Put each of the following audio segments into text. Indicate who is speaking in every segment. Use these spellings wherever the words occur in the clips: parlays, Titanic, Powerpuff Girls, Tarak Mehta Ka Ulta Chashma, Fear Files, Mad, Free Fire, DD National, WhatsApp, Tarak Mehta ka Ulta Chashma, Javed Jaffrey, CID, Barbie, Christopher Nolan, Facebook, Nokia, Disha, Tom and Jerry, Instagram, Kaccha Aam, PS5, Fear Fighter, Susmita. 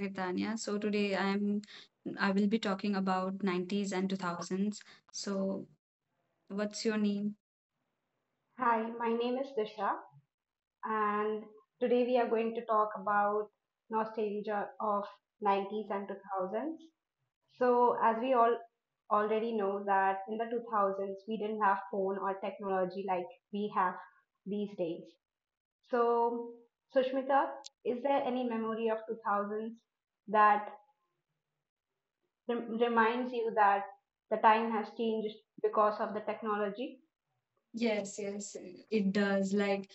Speaker 1: Girdania. So today I will be talking about 90s and 2000s. So what's your name?
Speaker 2: Hi, my name is Disha, and today we are going to talk about nostalgia of 90s and 2000s. So, as we all already know that in the 2000s we didn't have phone or technology like we have these days. So, Sushmita, is there any memory of 2000s that reminds you that the time has changed because of the technology?
Speaker 1: Yes, yes, it does. Like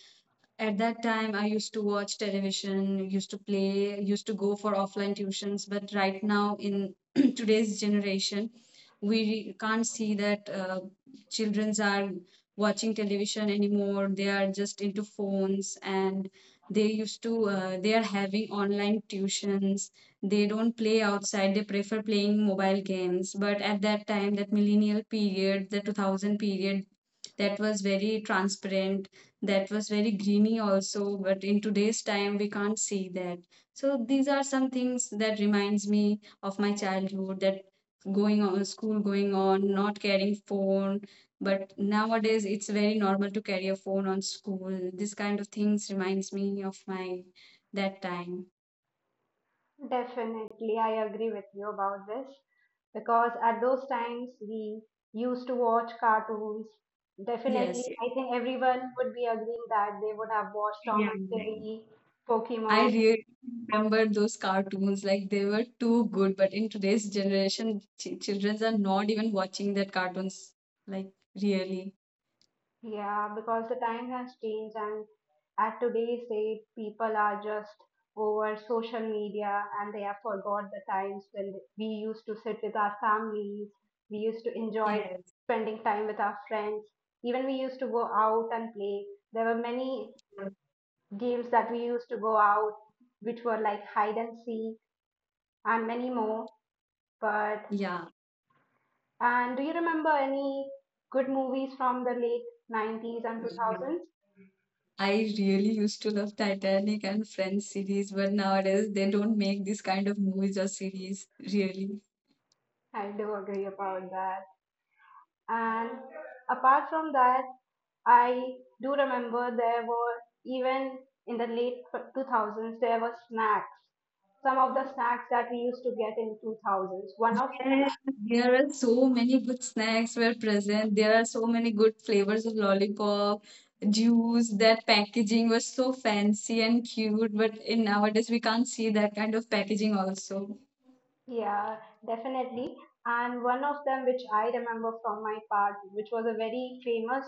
Speaker 1: at that time, I used to watch television, used to play, used to go for offline tuitions. But right now, in today's generation, we can't see that children are watching television anymore. They are just into phones and they are having online tuitions. They don't play outside. They prefer playing mobile games. But at that time, that millennial period, the 2000 period, that was very transparent, that was very greeny also, but in today's time we can't see that. So these are some things that reminds me of my childhood, that going on school, going on not carrying phone, but nowadays it's very normal to carry a phone on school. This kind of things reminds me of my that time.
Speaker 2: Definitely, I agree with you about this because at those times we used to watch cartoons.
Speaker 1: Yes,
Speaker 2: Definitely, I think everyone would be agreeing that they would have watched Tom
Speaker 1: yeah,
Speaker 2: and Jerry,
Speaker 1: I
Speaker 2: Pokemon.
Speaker 1: really remember those cartoons, like they were too good. But in today's generation, children are not even watching that cartoons. Like really,
Speaker 2: Yeah, because the time has changed, and at today's date, people are just over social media and they have forgot the times when we used to sit with our families, we used to enjoy
Speaker 1: yes,
Speaker 2: spending time with our friends, even we used to go out and play. There were many games that we used to go out, which were like hide and seek and many more. But
Speaker 1: yeah,
Speaker 2: and do you remember any good movies from the late 90s and
Speaker 1: yeah.
Speaker 2: 2000s?
Speaker 1: I really used to love Titanic and Friends series, but nowadays they don't make this kind of movies or series. Really.
Speaker 2: I do agree about that. And apart from that, I do remember there were, even in the late 2000s there were snacks. Some of the snacks that we used to get in 2000s. One of,
Speaker 1: Yes. There are so many good snacks were present. There are so many good flavors of lollipop, juice. That packaging was so fancy and cute, but in nowadays we can't see that kind of packaging also.
Speaker 2: yeah, definitely. And one of them which I remember from my part, which was a very famous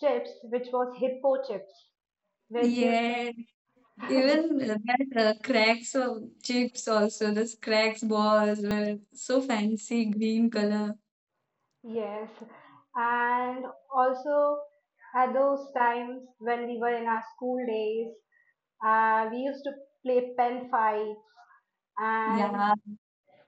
Speaker 2: chips, which was hippo chips, which used
Speaker 1: Yeah,
Speaker 2: to,
Speaker 1: even that cracks of chips also. Those cracks balls were so fancy, green color.
Speaker 2: yes, and also at those times when we were in our school days, we used to play pen fight, and
Speaker 1: Yeah.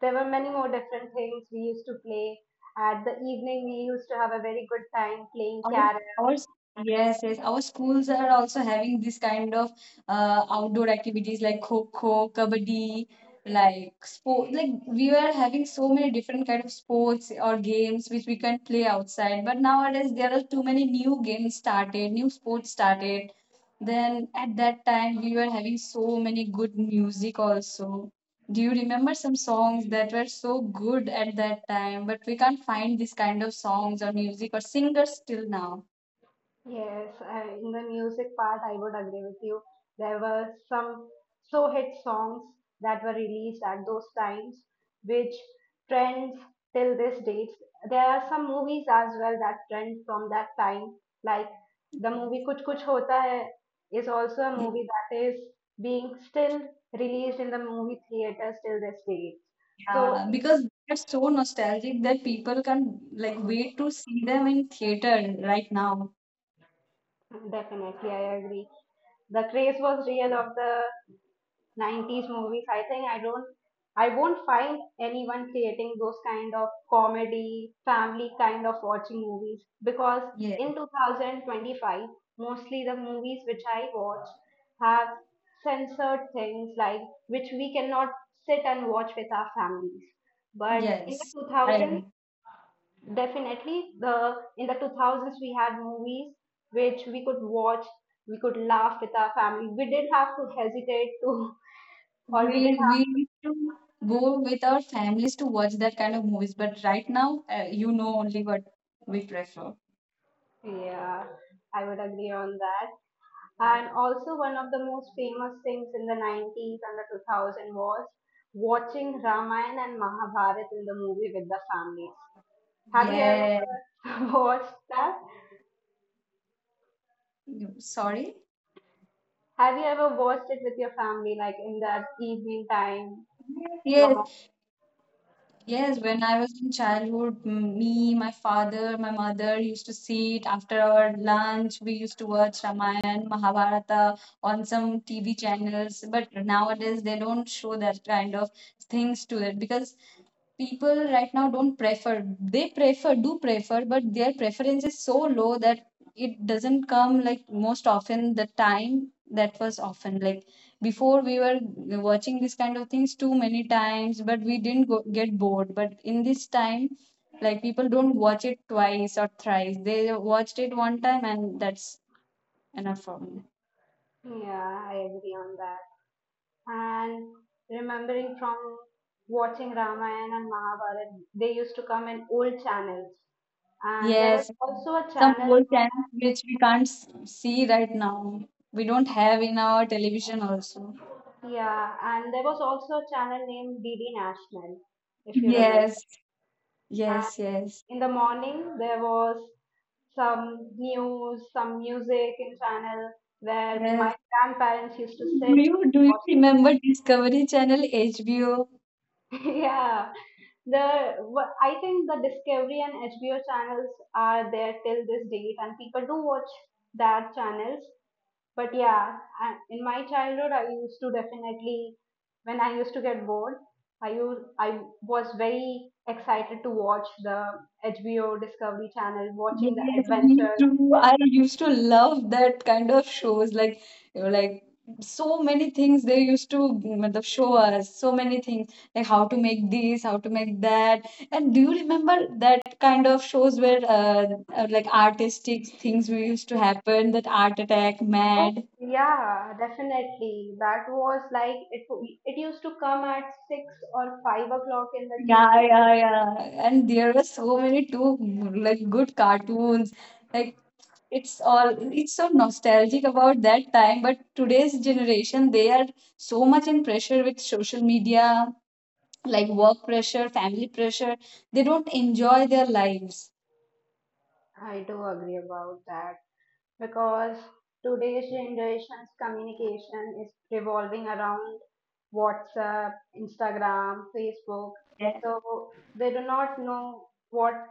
Speaker 2: there were many more different things we used to play. At the evening, we used to have a very good time playing
Speaker 1: Our,
Speaker 2: carrom.
Speaker 1: our s- yes, yes. Our schools are also having this kind of outdoor activities like kho-kho, kabaddi, like sport. Like we were having so many different kind of sports or games which we can play outside. But nowadays there are too many new games started, new sports started. Then at that time we were having so many good music also. Do you remember some songs that were so good at that time, but we can't find this kind of songs or music or singers till now?
Speaker 2: Yes, I, in the music part, I would agree with you. There were some so hit songs that were released at those times, which trends till this date. There are some movies as well that trend from that time, like the movie Kuch Kuch Hota Hai is also a movie that is being still released in the movie theaters till this date. So,
Speaker 1: Yeah, because they're so nostalgic that people can like wait to see them in theater right now.
Speaker 2: definitely, I agree the craze was real of the 90s movies. I think I don't, I won't find anyone creating those kind of comedy family kind of watching movies, because
Speaker 1: Yeah.
Speaker 2: in 2025 mostly the movies which I watch have censored things, like which we cannot sit and watch with our families. But in the
Speaker 1: Yes.
Speaker 2: 2000s,
Speaker 1: I,
Speaker 2: definitely the in the 2000s we had movies which we could watch, we could laugh with our family, we didn't have to hesitate to or we didn't.
Speaker 1: we used to go with our families to watch that kind of movies, but right now, only what we prefer.
Speaker 2: Yeah, I would agree on that. And also, one of the most famous things in the 90s and the 2000 was watching Ramayana and Mahabharata in the movie with the families. Have you
Speaker 1: Yeah.
Speaker 2: ever watched that?
Speaker 1: Sorry?
Speaker 2: Have you ever watched it with your family, like in the evening time? Your mom?
Speaker 1: Yes. Yes, when I was in childhood, me, my father, my mother used to sit after our lunch. We used to watch Ramayana, Mahabharata on some TV channels. But nowadays, they don't show that kind of things to it because people right now don't prefer. They prefer, do prefer, but their preference is so low that it doesn't come like most often. The time that was often, like before, we were watching this kind of things too many times but we didn't go, get bored. But in this time, like, people don't watch it twice or thrice. They watched it one time and that's enough for me.
Speaker 2: Yeah, I agree on that. And remembering from watching Ramayana and Mahabharata, they used to come in old channels. And there
Speaker 1: Yes,
Speaker 2: was also a
Speaker 1: some
Speaker 2: channel,
Speaker 1: old channels which we can't see right now, we don't have in our television also.
Speaker 2: yeah, and there was also a channel named DD National, if you remember.
Speaker 1: Yes,
Speaker 2: And
Speaker 1: yes, yes,
Speaker 2: in the morning, there was some news, some music in channel where my
Speaker 1: yes.
Speaker 2: grandparents used to sit
Speaker 1: Do you
Speaker 2: and
Speaker 1: do you
Speaker 2: watch.
Speaker 1: remember Discovery Channel, HBO?
Speaker 2: Yeah, the I think the Discovery and HBO channels are there till this date and people do watch that channels. But yeah, I, in my childhood I used to, definitely when I used to get bored I used I was very excited to watch the HBO Discovery channel, watching the
Speaker 1: Yes, me
Speaker 2: adventures.
Speaker 1: too. I used to love that kind of shows. Like, you know, like so many things they used to matlab, show us. So many things like how to make this, how to make that. And do you remember that kind of shows where like artistic things we used to happen? That Art Attack,
Speaker 2: Oh,
Speaker 1: Mad.
Speaker 2: yeah, definitely, that was like it used to come at 6 or 5 o'clock in the,
Speaker 1: Yeah, yeah, yeah. And there were so many too like good cartoons. Like it's all, it's so nostalgic about that time, but today's generation they are so much in pressure with social media, like work pressure, family pressure. They don't enjoy their lives.
Speaker 2: I do agree about that, because today's generation's communication is revolving around WhatsApp, Instagram, Facebook. So they do not know what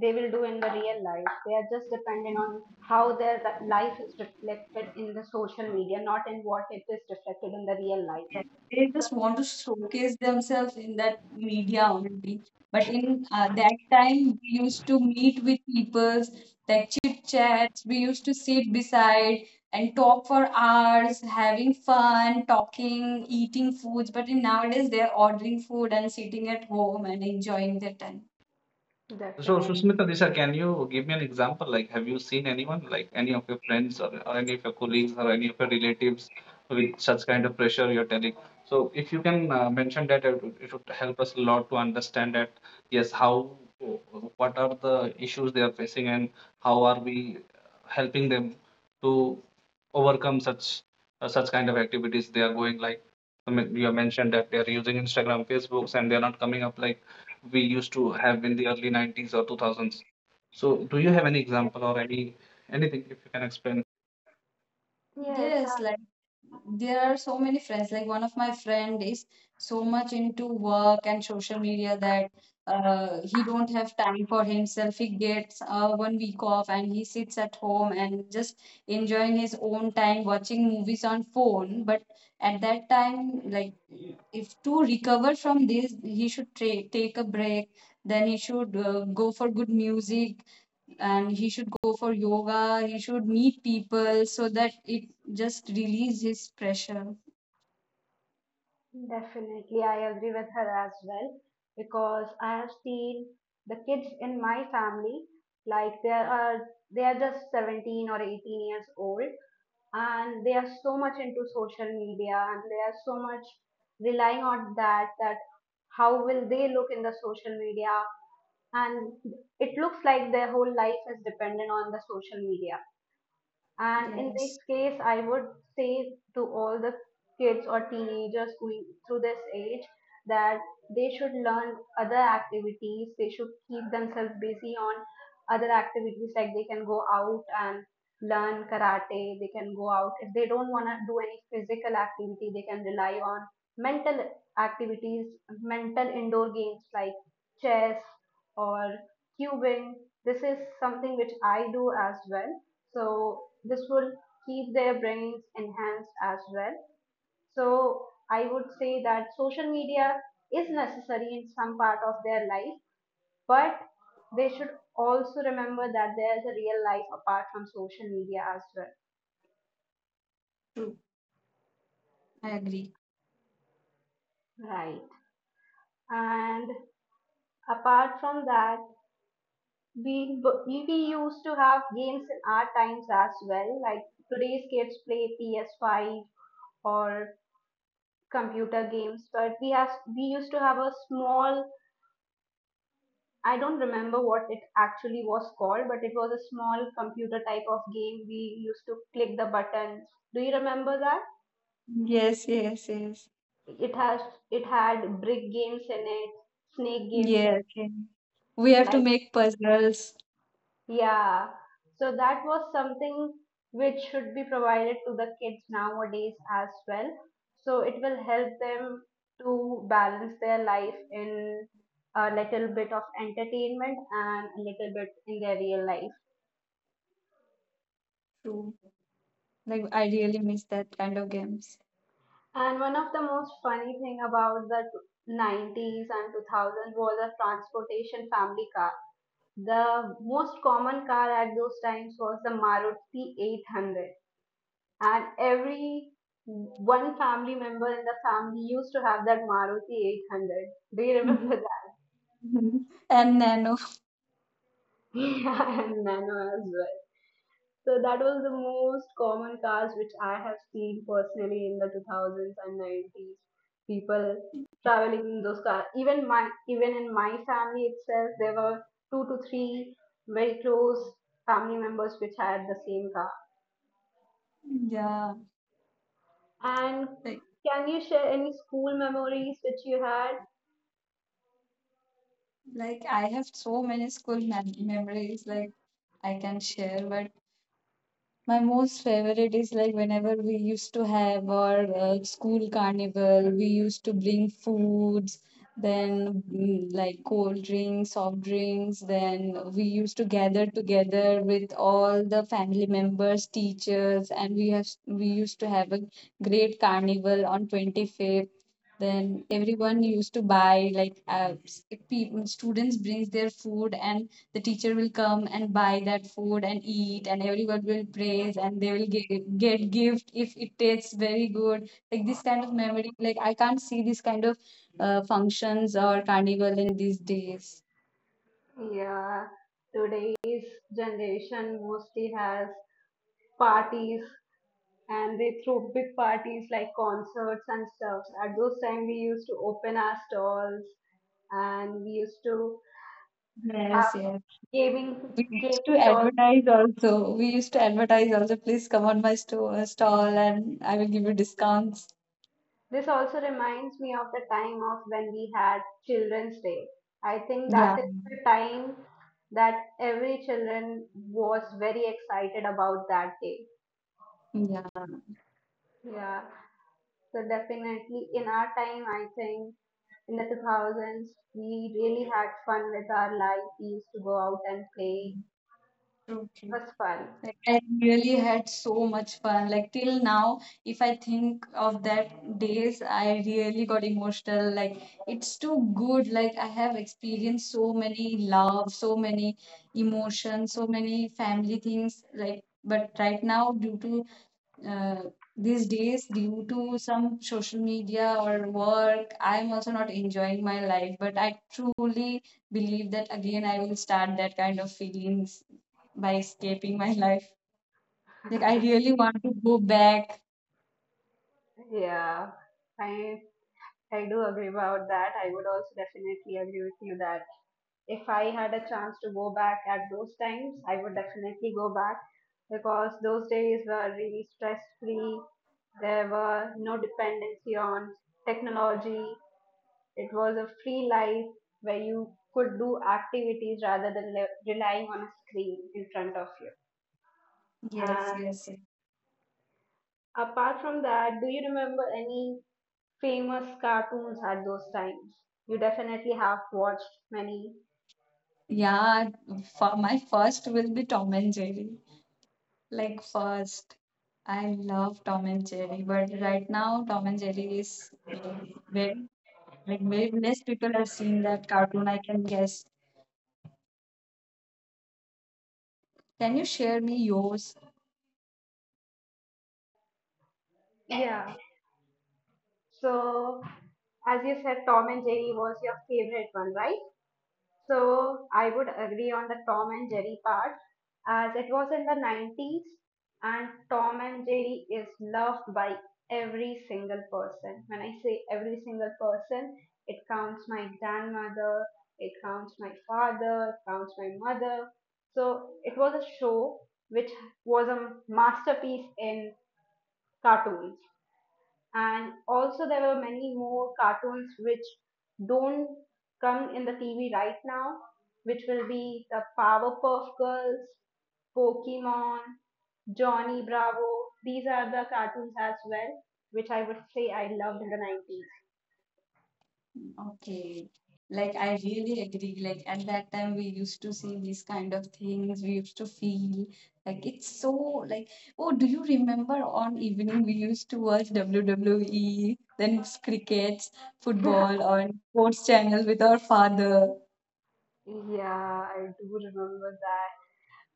Speaker 2: they will do in the real life. They are just dependent on how their life is reflected in the social media, not in what it is reflected in the real life.
Speaker 1: Yes, they just want to showcase themselves in that media only. But in that time, we used to meet with people, like chit chats. We used to sit beside and talk for hours, having fun, talking, eating foods. But in nowadays, they are ordering food and sitting at home and enjoying their time.
Speaker 2: So
Speaker 3: So,
Speaker 2: definite.
Speaker 3: Susmita, Disha, can you give me an example? Like, have you seen anyone, like any of your friends or, any of your colleagues or any of your relatives with such kind of pressure you're telling? So, if you can mention that, it would help us a lot to understand that, yes, how, what are the issues they are facing and how are we helping them to overcome such such kind of activities they are going like I mean, you have mentioned that they are using Instagram, Facebooks, and they are not coming up like we used to have in the early 90s or 2000s. So, do you have any example or any anything if you can explain?
Speaker 2: Yes,
Speaker 1: Yes, like there are so many friends. Like one of my friend is so much into work and social media that he don't have time for himself. He gets 1 week off and he sits at home and just enjoying his own time, watching movies on phone. But at that time, like if to recover from this, he should take a break. Then he should go for good music and he should go for yoga, he should meet people so that it just release his pressure.
Speaker 2: definitely, I agree with her as well, because I have seen the kids in my family, like they are just 17 or 18 years old, and they are so much into social media and they are so much relying on that, that how will they look in the social media, and it looks like their whole life is dependent on the social media. And in this
Speaker 1: Yes,
Speaker 2: case, I would say to all the kids or teenagers going through this age that they should learn other activities. They should keep themselves busy on other activities, like they can go out and learn karate. They can go out, if they don't want to do any physical activity, they can rely on mental activities, mental indoor games like chess or cubing. This is something which I do as well, so this will keep their brains enhanced as well. So I would say that social media is necessary in some part of their life, but they should also remember that there is a real life apart from social media as well.
Speaker 1: true, I agree.
Speaker 2: Right. And apart from that, we we used to have games in our times as well. Like today's kids play PS5 or computer games, but we used to have a small, I don't remember what it actually was called, but it was a small computer type of game. We used to click the buttons. Do you remember that?
Speaker 1: Yes, yes, yes.
Speaker 2: It has it had brick games in it, snake games in
Speaker 1: Yeah,
Speaker 2: it,
Speaker 1: okay. We have to
Speaker 2: like,
Speaker 1: make puzzles.
Speaker 2: yeah. So that was something which should be provided to the kids nowadays as well. So it will help them to balance their life in a little bit of entertainment and a little bit in their real life.
Speaker 1: True. Like I really miss that kind of games.
Speaker 2: And one of the most funny thing about the 90s and 2000s was the transportation family car. The most common car at those times was the Maruti 800, and every one family member in the family used to have that Maruti 800. Do you remember that?
Speaker 1: Mhm. And Nano.
Speaker 2: Yeah, and Nano as well. So that was the most common cars which I have seen personally in the 2000s and 90s. People traveling in those cars. Even my, even in my family itself, there were 2 to 3 very close family members which had the same car.
Speaker 1: Yeah,
Speaker 2: And
Speaker 1: like
Speaker 2: can you share any school memories which you had?
Speaker 1: like I have so many school memories, like I can share, but my most favorite is like whenever we used to have our school carnival, we used to bring foods, then mm, like cold drinks, soft drinks, then we used to gather together with all the family members, teachers, and we used to have a great carnival on 25th. Then everyone used to buy like people, students brings their food and the teacher will come and buy that food and eat and everyone will praise and they will get gift if it tastes very good. Like this kind of memory, like I can't see this kind of functions or carnival in these days.
Speaker 2: Yeah, today's generation mostly has parties and they threw big parties like concerts and stuff. At those time, we used to open our stalls and we used to have
Speaker 1: Yes, yes.
Speaker 2: gaming
Speaker 1: We used to
Speaker 2: gaming stalls.
Speaker 1: advertise also. We used to advertise also. Please come on my store stall and I will give you discounts.
Speaker 2: This also reminds me of the time of when we had Children's Day. I think
Speaker 1: Yeah,
Speaker 2: that is the time that every children was very excited about that day.
Speaker 1: yeah.
Speaker 2: Yeah. So definitely in our time, I think in the 2000s, we really had fun with our life. We used to go out and play.
Speaker 1: True, true.
Speaker 2: It was fun.
Speaker 1: Like I really had so much fun. Like till now, if I think of that days, I really got emotional. Like it's too good. Like I have experienced so many love, so many emotions, so many family things. Like but right now, due to uh, these days, due to some social media or work, I'm also not enjoying my life. But I truly believe that again, I will start that kind of feelings by escaping my life. Like I really want to go back.
Speaker 2: Yeah, I I do agree about that. I would also definitely agree with you that if I had a chance to go back at those times, I would definitely go back, because those days were really stress free. There were no dependency on technology. It was a free life where you could do activities rather than relying on a screen in front of you.
Speaker 1: Yes,
Speaker 2: And
Speaker 1: yes, yes.
Speaker 2: apart from that, do you remember any famous cartoons at those times? You definitely have watched many.
Speaker 1: Yeah, for my first will be Tom and Jerry. Like first, I love Tom and Jerry, but right now Tom and Jerry is like very less people have seen that cartoon. I can guess. Can you share me yours?
Speaker 2: Yeah. So, as you said, Tom and Jerry was your favorite one, right? So I would agree on the Tom and Jerry part, as it was in the 90s, and Tom and Jerry is loved by every single person. When I say every single person, it counts my grandmother, it counts my father, it counts my mother. So it was a show which was a masterpiece in cartoons, and also there were many more cartoons which don't come in the TV right now, which will be the Powerpuff Girls, Pokemon, Johnny Bravo. These are the cartoons as well, which I would say I loved in the 90s.
Speaker 1: Okay. Like I really agree. Like at that time we used to see these kind of things. We used to feel like it's so like, oh, do you remember on evening we used to watch WWE, then it's crickets, football on sports channels with our father.
Speaker 2: Yeah, I do remember that.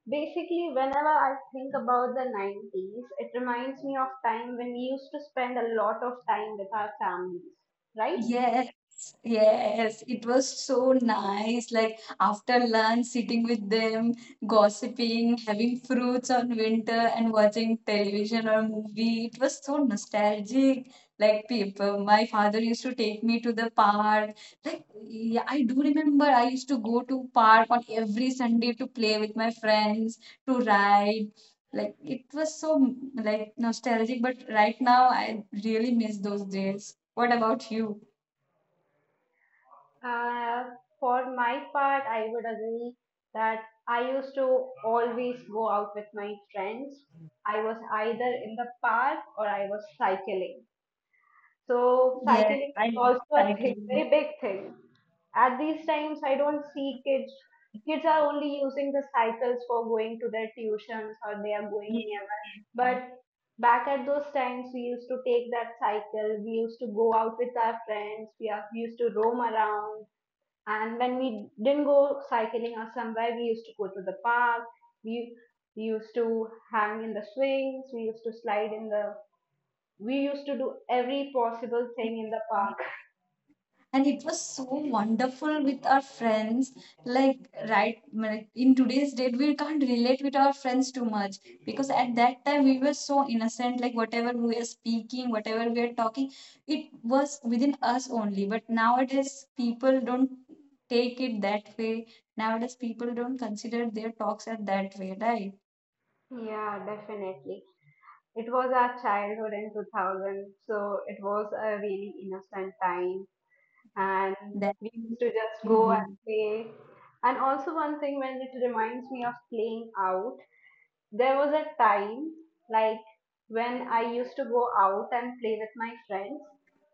Speaker 2: Basically, whenever I think about the 90s, it reminds me of time when we used to spend a lot of time with our families, right?
Speaker 1: Yes, yes, it was so nice. Like after lunch, sitting with them, gossiping, having fruits on winter, and watching television or movie. It was so nostalgic. Like people, my father used to take me to the park. Like yeah, I do remember I used to go to park on every Sunday to play with my friends, to ride. Like it was so like nostalgic, but right now I really miss those days. What about you?
Speaker 2: Uh, for my part, I would agree that I used to always go out with my friends. I was either in the park or I was cycling. So
Speaker 1: Yes,
Speaker 2: cycling is
Speaker 1: I
Speaker 2: also
Speaker 1: love
Speaker 2: a thing,
Speaker 1: cycling.
Speaker 2: very big thing. At these times, I don't see kids. Kids are only using the cycles for going to their tuitions or they are going
Speaker 1: Yes.
Speaker 2: nearby. But back at those times, we used to take that cycle. We used to go out with our friends. We, are, we used to roam around, and when we didn't go cycling or somewhere, we used to go to the park. We, we used to hang in the swings. We used to slide in the. We used to do every possible thing in the park.
Speaker 1: And it was so wonderful with our friends. Like, in today's date, we can't relate with our friends too much because at that time we were so innocent. Like, whatever we are speaking, whatever we are talking, it was within us only. But nowadays, people don't take it that way. Nowadays, people don't consider their talks at that way, right?
Speaker 2: Yeah, definitely. It was our childhood in 2000, so it was a really innocent time. And
Speaker 1: That's
Speaker 2: we used to just
Speaker 1: so
Speaker 2: go and
Speaker 1: good.
Speaker 2: play. And also, one thing when it reminds me of playing out. There was a time, like when I used to go out and play with my friends,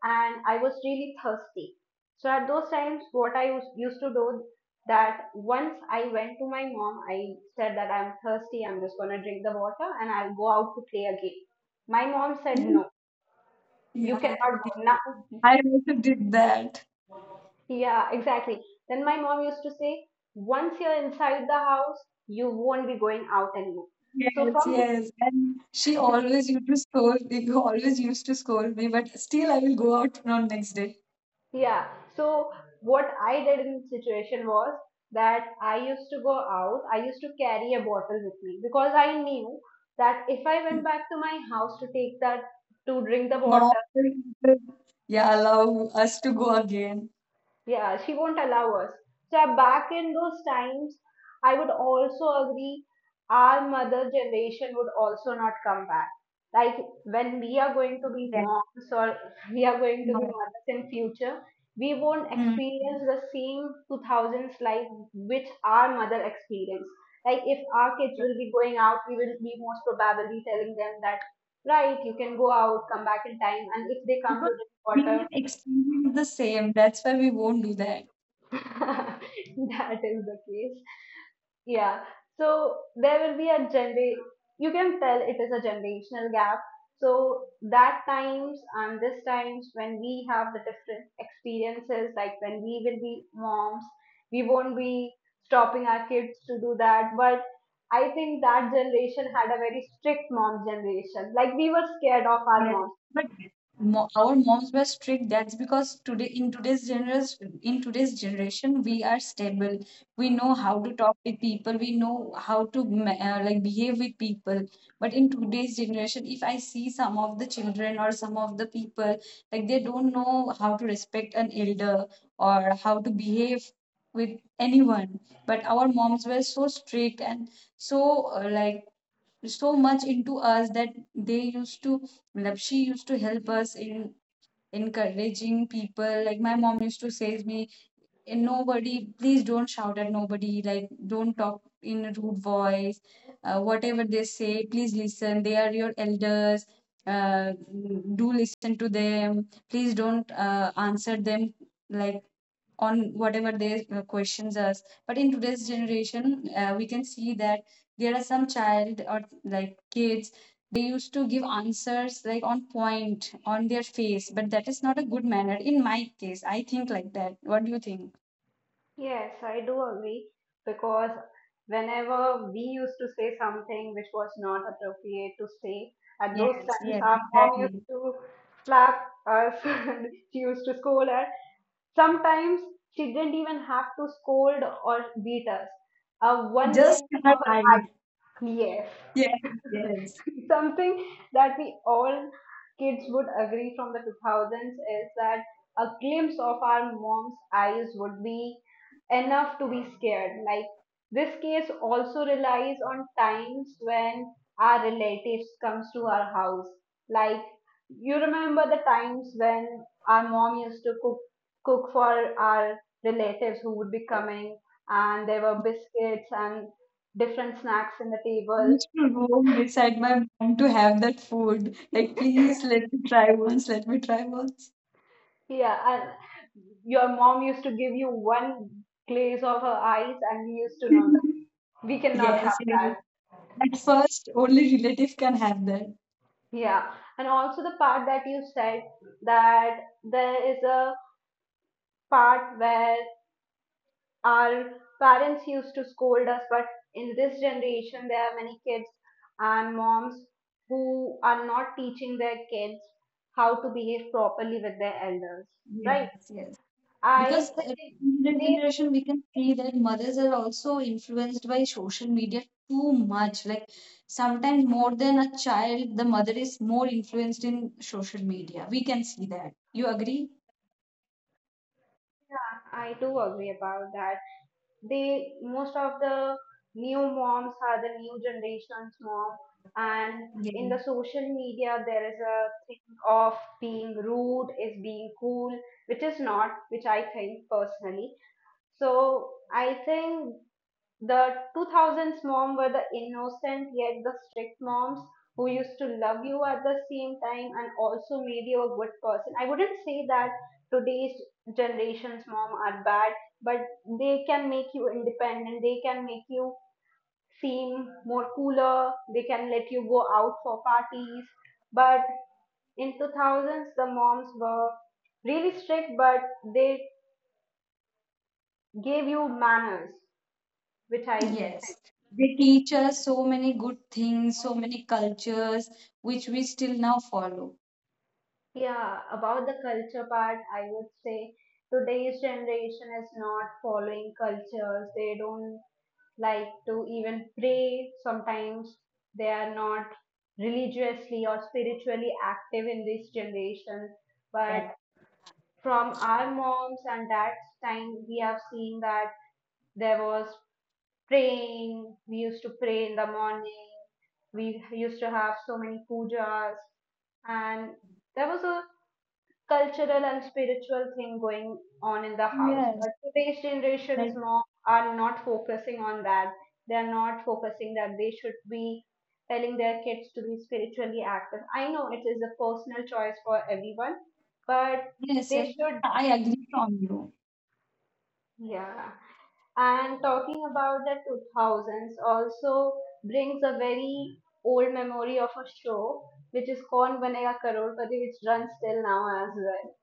Speaker 2: and I was really thirsty. So at those times, what I used to do, that once I went to my mom, I said that I'm thirsty, I'm just gonna drink the water, and I'll go out to play again. My mom said, no, you
Speaker 1: Yeah,
Speaker 2: cannot go now.
Speaker 1: I also did that.
Speaker 2: Yeah, exactly. Then my mom used to say, once you're inside the house, you won't be going out anymore. So
Speaker 1: Yes,
Speaker 2: from
Speaker 1: yes. And she always used to scold me, always used to scold me, but still I will go out on next day.
Speaker 2: Yeah. So what I did in the situation was that I used to go out. I used to carry a bottle with me because I knew that if I went back to my house to take that to drink the water,
Speaker 1: Mom, will, yeah, allow us to go again.
Speaker 2: yeah, she won't allow us. So yeah, back in those times, I would also agree our mother generation would also not come back. Like when we are going to be
Speaker 1: Yes.
Speaker 2: moms or we are going to be
Speaker 1: No.
Speaker 2: mothers in future, we won't
Speaker 1: Hmm.
Speaker 2: experience the same 2000s life which our mother experienced. Like if our kids
Speaker 1: Yes.
Speaker 2: will be going out, we will be most probably telling them that, right, you can go out, come back in time. And if they come to
Speaker 1: Because
Speaker 2: this
Speaker 1: we
Speaker 2: quarter,
Speaker 1: have experienced the same. That's why we won't do that.
Speaker 2: that is the case. Yeah. So there will be a gener. You can tell it is a generational gap. So that times and this times when we have the different experiences, like when we will be moms, we won't be stopping our kids to do that. But I think that generation had a very strict mom generation. Like we were scared of our
Speaker 1: But
Speaker 2: moms.
Speaker 1: but our moms were strict. That's because today in today's generation, we are stable. We know how to talk with people. We know how to like behave with people. But in today's generation, if I see some of the children or some of the people, like they don't know how to respect an elder or how to behave with anyone. But our moms were so strict and so like so much into us that they used to like she used to help us in encouraging people. Like, my mom used to say me and nobody, please don't shout at nobody, like don't talk in a rude voice. Whatever they say, please listen, they are your elders. uh, do listen to them. Please don't answer them like on whatever their questions are. But in today's generation, we can see that there are some child or like kids, they used to give answers like on point on their face. But that is not a good manner. In my case, I think like that. What do you think?
Speaker 2: Yes, I do agree, because whenever we used to say something which was not appropriate to say, at those
Speaker 1: Yes,
Speaker 2: times
Speaker 1: yes,
Speaker 2: our mom used
Speaker 1: exactly.
Speaker 2: to slap us, and she used to scold us. Sometimes she didn't even have to scold or beat us. A one
Speaker 1: Just
Speaker 2: glance
Speaker 1: in my
Speaker 2: of her eye.
Speaker 1: eyes.
Speaker 2: Yes.
Speaker 1: Yes, yes.
Speaker 2: Something that we all kids would agree from the 2000s is that a glimpse of our mom's eyes would be enough to be scared. Like this case also relies on times when our relatives comes to our house. Like you remember the times when our mom used to cook for our relatives who would be coming, and there were biscuits and different snacks in the
Speaker 1: I
Speaker 2: table.
Speaker 1: used to roam beside my mom to have that food. Like, please let me try once, let me try once.
Speaker 2: Yeah, and your mom used to give you one glaze of her eyes, and we used to know that we cannot
Speaker 1: Yes,
Speaker 2: have
Speaker 1: yes.
Speaker 2: that.
Speaker 1: At first, only relative can have that.
Speaker 2: Yeah, and also the part that you said that there is a part where our parents used to scold us, but in this generation, there are many kids and moms who are not teaching their kids how to behave properly with their elders,
Speaker 1: Yes,
Speaker 2: right?
Speaker 1: yes.
Speaker 2: I
Speaker 1: Because
Speaker 2: think
Speaker 1: in the
Speaker 2: they,
Speaker 1: generation, we can see that mothers are also influenced by social media too much. Like, sometimes more than a child, the mother is more influenced in social media. We can see that. You agree?
Speaker 2: I do agree about that, they most of the new moms are the new generation's mom, and in
Speaker 1: Ye-
Speaker 2: the social media there is a thing of being rude is being cool, which is not, which I think personally. So I think the 2000s mom were the innocent yet the strict moms who used to love you at the same time and also made you a good person. I wouldn't say that today's generation's mom are bad, but they can make you independent, they can make you seem more cooler, they can let you go out for parties. But in 2000s, the moms were really strict, but they gave you manners, which I
Speaker 1: Yes, they teach us so many good things, so many cultures which we still now follow.
Speaker 2: Yeah. About the culture part, I would say today's generation is not following cultures. They don't like to even pray. Sometimes they are not religiously or spiritually active in this generation.
Speaker 1: Yes,
Speaker 2: But from our moms and dad's time, we have seen that there was praying. We used to pray in the morning. We used to have so many pujas, and there was a cultural and spiritual thing going on in the house.
Speaker 1: yes,
Speaker 2: But today's generations
Speaker 1: like,
Speaker 2: more are not focusing on that. They are not focusing that they should be telling their kids to be spiritually active. I know it is a personal choice for everyone, but
Speaker 1: yes,
Speaker 2: they
Speaker 1: yes.
Speaker 2: should,
Speaker 1: I agree from you.
Speaker 2: yeah. And talking about the 2000s also brings a very old memory of a show which is called Banega Karolpati, which runs till now as well.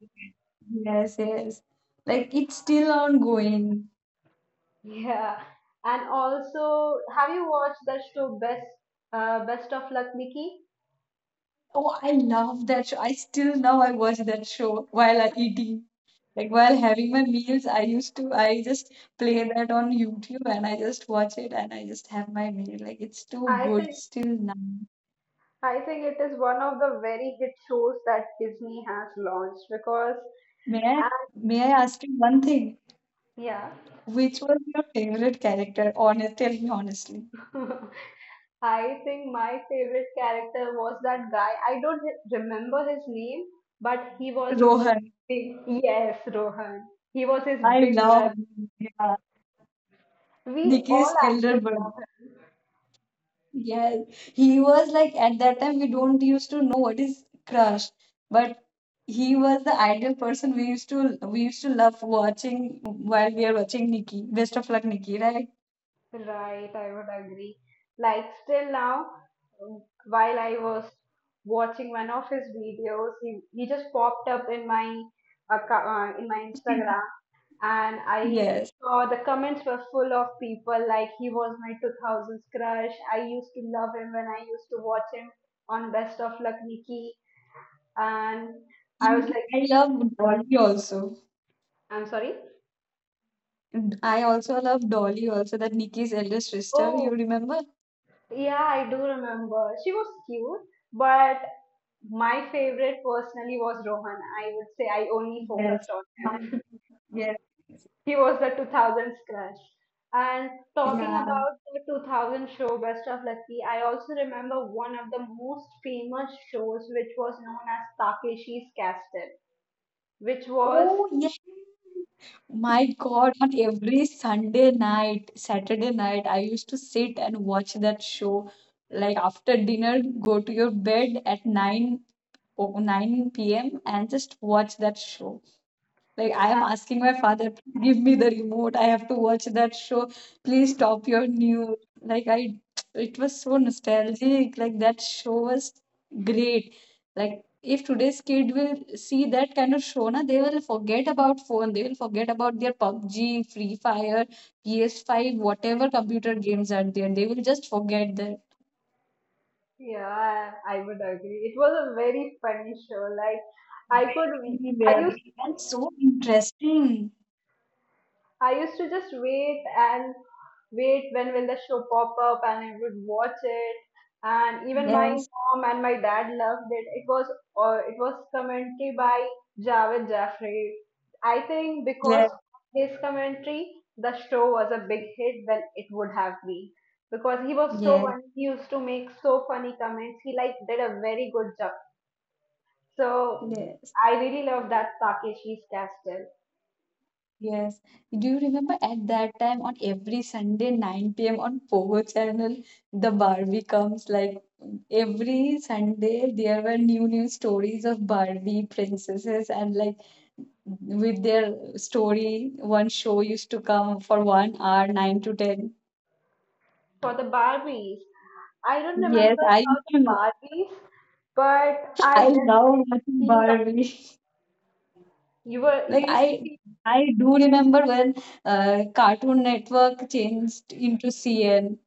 Speaker 1: Yes, yes. Like it's still ongoing.
Speaker 2: Yeah, and also, have you watched that show Best Best of Luck, Mickey?
Speaker 1: Oh, I love that show. I still now I watch that show while I eating. Like while having my meals, I used to I just play that on YouTube, and I just watch it and I just have my meal. Like it's too
Speaker 2: I
Speaker 1: good
Speaker 2: think
Speaker 1: still now.
Speaker 2: I think it is one of the very hit shows that Disney has launched, because
Speaker 1: May I
Speaker 2: and
Speaker 1: may I ask you one thing?
Speaker 2: Yeah.
Speaker 1: Which was your favorite character? Honest, tell me honestly.
Speaker 2: I think my favorite character was that guy. I don't remember his name, but he was
Speaker 1: Rohan.
Speaker 2: big. Yes, Rohan. He was his
Speaker 1: I
Speaker 2: big
Speaker 1: love,
Speaker 2: brother.
Speaker 1: yeah,
Speaker 2: We all
Speaker 1: Nikki's elder brother. Yeah, he was like at that time we don't used to know what is crush, but he was the ideal person we used to love watching while we are watching Nikki. Best of luck, Nikki, right?
Speaker 2: Right, I would agree. Like, still now, while I was watching one of his videos, he just popped up in my account, in my Instagram, and I
Speaker 1: Yes,
Speaker 2: saw the comments were full of people like he was my 2000s crush. I used to love him when I used to watch him on Best of Luck Nikki, and I was
Speaker 1: even
Speaker 2: like,
Speaker 1: I love Dolly also.
Speaker 2: I'm sorry.
Speaker 1: And I also love Dolly also, that Nikki's elder sister. You
Speaker 2: Oh,
Speaker 1: remember?
Speaker 2: yeah, I do remember. She was cute, but my favorite personally was Rohan. I would say I only
Speaker 1: Yes.
Speaker 2: focused on
Speaker 1: my
Speaker 2: him.
Speaker 1: Yes.
Speaker 2: He was the 2000s crush. And talking
Speaker 1: Yeah.
Speaker 2: about the 2000 show Best of Lucky, I also remember one of the most famous shows, which was known as Takeshi's Castle, which was,
Speaker 1: Oh, yes. My God, on every Sunday night, Saturday night, I used to sit and watch that show. Like after dinner, go to your bed at 9 or 9 p.m. and just watch that show. Like I am
Speaker 2: uh,
Speaker 1: asking my father, give me the remote. I have to watch that show. Please stop your new. Like I, it was so nostalgic. Like that show was great. Like if today's kid will see that kind of show, na, they will forget about phone. They will forget about their PUBG, Free Fire, PS5, whatever computer games are there. They will just forget that.
Speaker 2: yeah, I would agree. It was a very funny show. Like, I could,
Speaker 1: Very,
Speaker 2: I used
Speaker 1: very.
Speaker 2: to
Speaker 1: That's so interesting.
Speaker 2: I used to just wait and wait when will the show pop up, and I would watch it. And even my
Speaker 1: Yes,
Speaker 2: mom and my dad loved it. It was commentary by Javed Jaffrey. I think because
Speaker 1: yes,
Speaker 2: of his commentary, the show was a big hit than it would have been. Because he was so
Speaker 1: yes,
Speaker 2: funny, he used to make so funny comments. He like did a very good job. So
Speaker 1: yes.
Speaker 2: I really love that Takeshi's Castle.
Speaker 1: Yes. Do you remember at that time on every Sunday 9 p.m. on Pogo channel, the Barbie comes, like every Sunday there were new new stories of Barbie princesses, and like with their story one show used to come for one hour 9 to 10.
Speaker 2: For the Barbies. I don't
Speaker 1: Yes,
Speaker 2: remember
Speaker 1: I used
Speaker 2: about the
Speaker 1: to
Speaker 2: Barbies, but I
Speaker 1: I love
Speaker 2: definitely
Speaker 1: watching
Speaker 2: seen the movie.
Speaker 1: Barbie. Like
Speaker 2: You used to
Speaker 1: I
Speaker 2: see.
Speaker 1: I do remember when Cartoon Network changed into CN.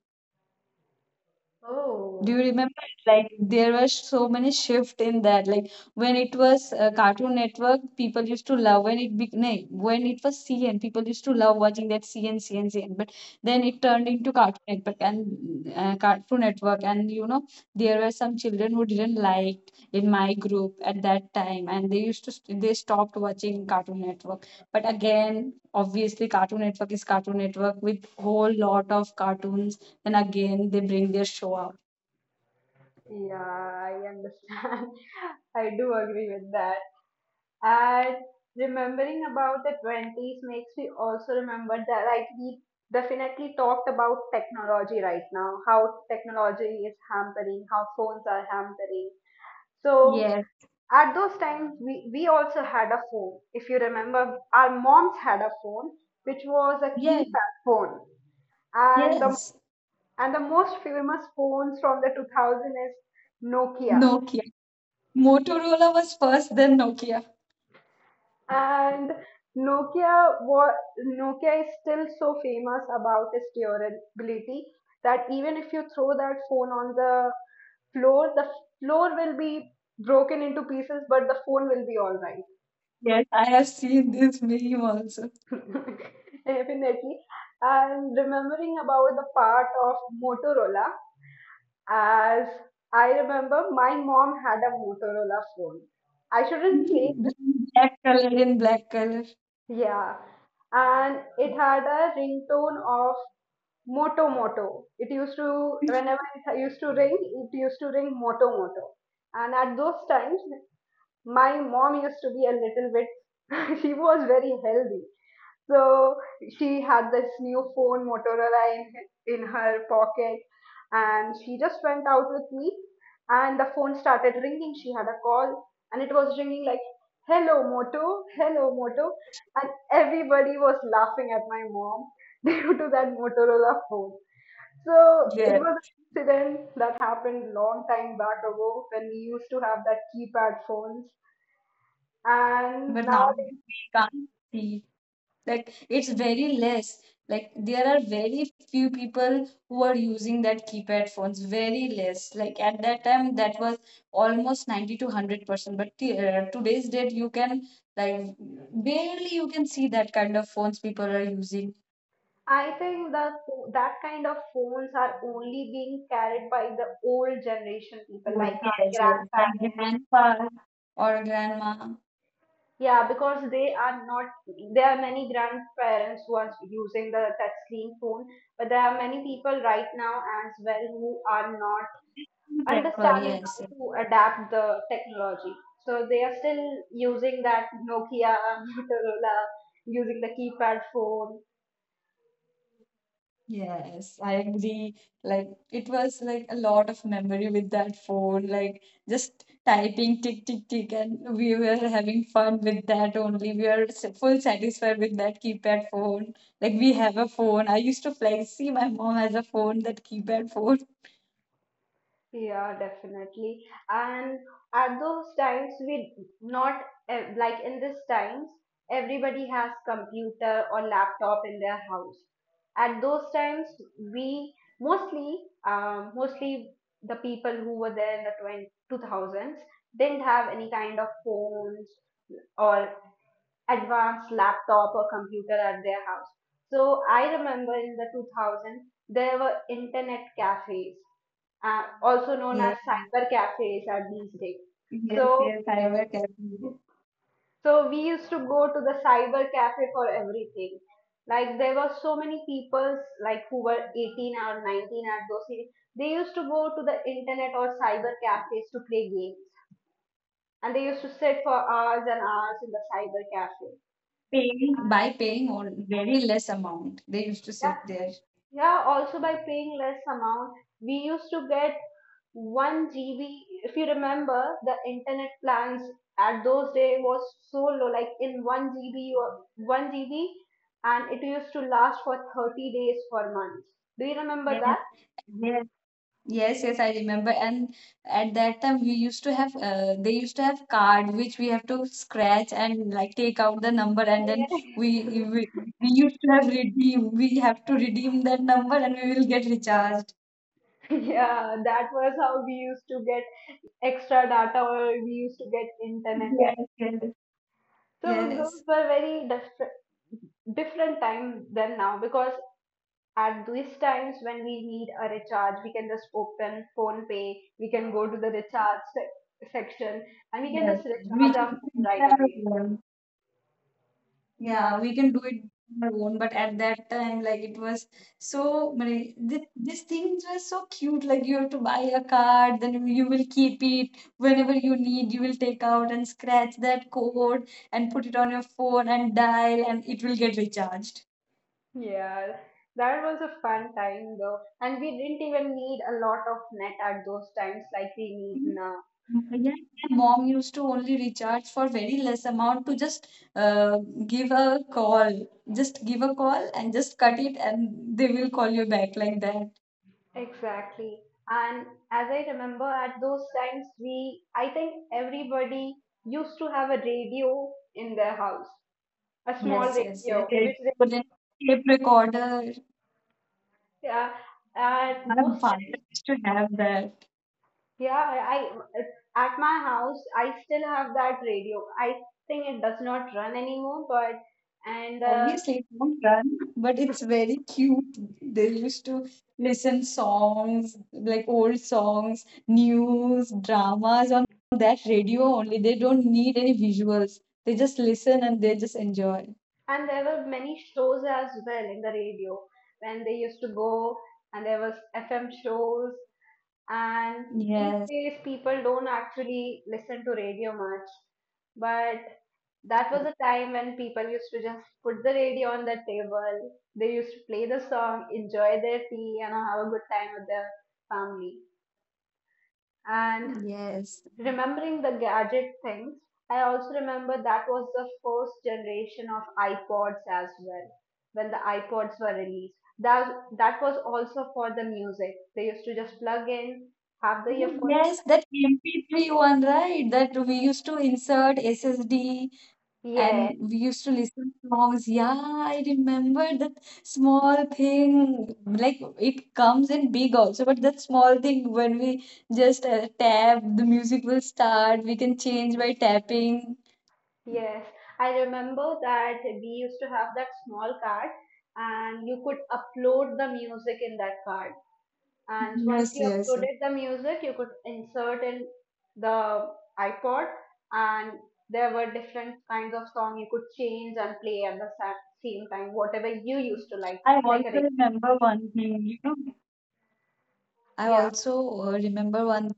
Speaker 1: Do you
Speaker 2: Oh,
Speaker 1: remember? Like there was so many shift in that. Like when it was Cartoon Network, people used to love when it was CN, people used to love watching that CN CN CN. But then it turned into Cartoon Network, and you know there were some children who didn't like in my group at that time, and they used to st- they stopped watching Cartoon Network. But again, obviously, Cartoon Network is Cartoon Network with whole lot of cartoons. And again, they bring their show up.
Speaker 2: yeah, I understand. I do agree with that. And remembering about the 20s makes me also remember that, like, we definitely talked about technology right now, how technology is hampering, how phones are hampering. So
Speaker 1: Yes,
Speaker 2: at those times, we also had a phone. If you remember, our moms had a phone which was a
Speaker 1: yes,
Speaker 2: keypad phone. And the,
Speaker 1: yes.
Speaker 2: and the most famous phones from the 2000s is Nokia.
Speaker 1: Nokia. Motorola was first, then Nokia.
Speaker 2: And Nokia was, Nokia is still so famous about its durability that even if you throw that phone on the floor will be broken into pieces, but the phone will be all right.
Speaker 1: Yes, I have seen this meme also.
Speaker 2: Definitely. And remembering about the part of Motorola, as I remember my mom had a Motorola phone. I shouldn't say
Speaker 1: Black color in black color.
Speaker 2: this. Yeah. And it had a ringtone of Moto Moto. Whenever it used to ring, it used to ring Moto Moto. And at those times, my mom used to be a little bit, she was very healthy. So she had this new phone Motorola in her pocket, and she just went out with me and the phone started ringing. She had a call and it was ringing like, hello Moto, hello Moto. And everybody was laughing at my mom due to that Motorola phone. So it was
Speaker 1: Yes,
Speaker 2: an incident that happened long time back ago when we used to have that keypad phones. And
Speaker 1: but
Speaker 2: now
Speaker 1: now we can't see. Like it's very less, like there are very few people who are using that keypad phones very less. Like at that time that was almost 90 to 100%, but today's date you can like barely you can see that kind of phones people are using.
Speaker 2: I think that that kind of phones are only being carried by the old generation people, like our
Speaker 1: Yes, yes, like
Speaker 2: grandparents.
Speaker 1: grandpa or grandma
Speaker 2: Yeah, because they are not. There are many grandparents who are using the touchscreen phone, but there are many people right now as well who are not
Speaker 1: prefer.
Speaker 2: understanding
Speaker 1: Yes.
Speaker 2: how to adapt the technology. So they are still using that Nokia, Motorola, using the keypad phone.
Speaker 1: Yes, I agree. Like it was like a lot of memory with that phone, like just typing tick tick tick, and we were having fun with that only. We are full satisfied with that keypad phone. Like we have a phone. I used to flex, see my mom has a phone, that keypad phone.
Speaker 2: Yeah, definitely. And at those times, we not eh, like in this times, everybody has computer or laptop in their house. At those times, we mostly, mostly the people who were there in the twenty two thousands didn't have any kind of phones or advanced laptop or computer at their house. So I remember in the 2000s there were internet cafes, also known as
Speaker 1: Yes,
Speaker 2: cyber cafes at these days.
Speaker 1: yes,
Speaker 2: So
Speaker 1: yes. I were careful.
Speaker 2: so we used to go to the cyber cafe for everything. Like there were so many people like who were 18 or 19 at those days. They used to go to the internet or cyber cafes to play games, and they used to sit for hours and hours in the cyber cafe.
Speaker 1: Paying by paying on very less amount. They used to
Speaker 2: Yeah.
Speaker 1: sit there.
Speaker 2: Yeah, also by paying less amount, we used to get 1 GB. If you remember, the internet plans at those days was so low, like in 1 GB, 1 GB, and it used to last for 30 days for months. Do you remember
Speaker 1: Yes,
Speaker 2: that?
Speaker 1: yes. Yes, yes, I remember. And at that time, we used to have, they used to have card which we have to scratch and like take out the number, and then we
Speaker 2: Yeah.
Speaker 1: we, we used to have redeem. We have to redeem that number, and we will get recharged.
Speaker 2: Yeah, that was how we used to get extra data or we used to get internet.
Speaker 1: Yes,
Speaker 2: We,
Speaker 1: yes,
Speaker 2: so those
Speaker 1: yes.
Speaker 2: were very different time than now, because at these times when we need a recharge, we can just open phone pay, we can go to the recharge section and we can
Speaker 1: Yes.
Speaker 2: just
Speaker 1: We
Speaker 2: recharge our phone right away.
Speaker 1: can.
Speaker 2: Yeah,
Speaker 1: Yeah, we can do it on our own, but at that time, like it was so many. These things were so cute. Like you have to buy a card, then you will keep it whenever you need. You will take out and scratch that code and put it on your phone and dial, and it will get recharged.
Speaker 2: yeah. That was a fun time though. And we didn't even need a lot of net at those times like we need now.
Speaker 1: Mm, yeah, my mom used to only recharge for very less amount to just uh, give a call, just give a call and just cut it, and they will call you back like that.
Speaker 2: Exactly. And as I remember at those times we I think everybody used to have a radio in their house. A small
Speaker 1: Yes, yes, yes.
Speaker 2: radio
Speaker 1: It
Speaker 2: which,
Speaker 1: couldn't tape recorder.
Speaker 2: yeah, at
Speaker 1: My
Speaker 2: most
Speaker 1: father
Speaker 2: times,
Speaker 1: used to have that.
Speaker 2: yeah, I at my house I still have that radio. I think it does not run anymore, but and uh,
Speaker 1: Obviously, it won't run, but it's very cute. They used to listen songs, like old songs, news, dramas on that radio only. They don't need any visuals. They just listen and they just enjoy.
Speaker 2: and there were many shows as well in the radio when they used to go, and there was FM shows. And these
Speaker 1: Yes,
Speaker 2: days, people don't actually listen to radio much, but that was a time when people used to just put the radio on the table. They used to play the song, enjoy their tea, and have a good time with their family. And
Speaker 1: yes.
Speaker 2: remembering the gadget things, I also remember that was the first generation of iPods as well, when the iPods were released. That was also for the music. They used to just plug in, have the
Speaker 1: Oh,
Speaker 2: earphones.
Speaker 1: yes, that MP3 one, right? That we used to insert SSD. And
Speaker 2: Yeah,
Speaker 1: we used to listen to songs. Yeah, I remember that small thing. Like it comes in big also, but that small thing when we just tap, the music will start. We can change by tapping.
Speaker 2: yes, I remember that we used to have that small card and you could upload the music in that card. And once
Speaker 1: Yes,
Speaker 2: you
Speaker 1: yes. Yes.
Speaker 2: uploaded the music, you could insert in the iPod and there were different kinds of song you could change and play at the same time, whatever you used to like,
Speaker 1: I
Speaker 2: not like a
Speaker 1: also
Speaker 2: radio.
Speaker 1: remember one thing, you know, I
Speaker 2: Yeah.
Speaker 1: also remember one.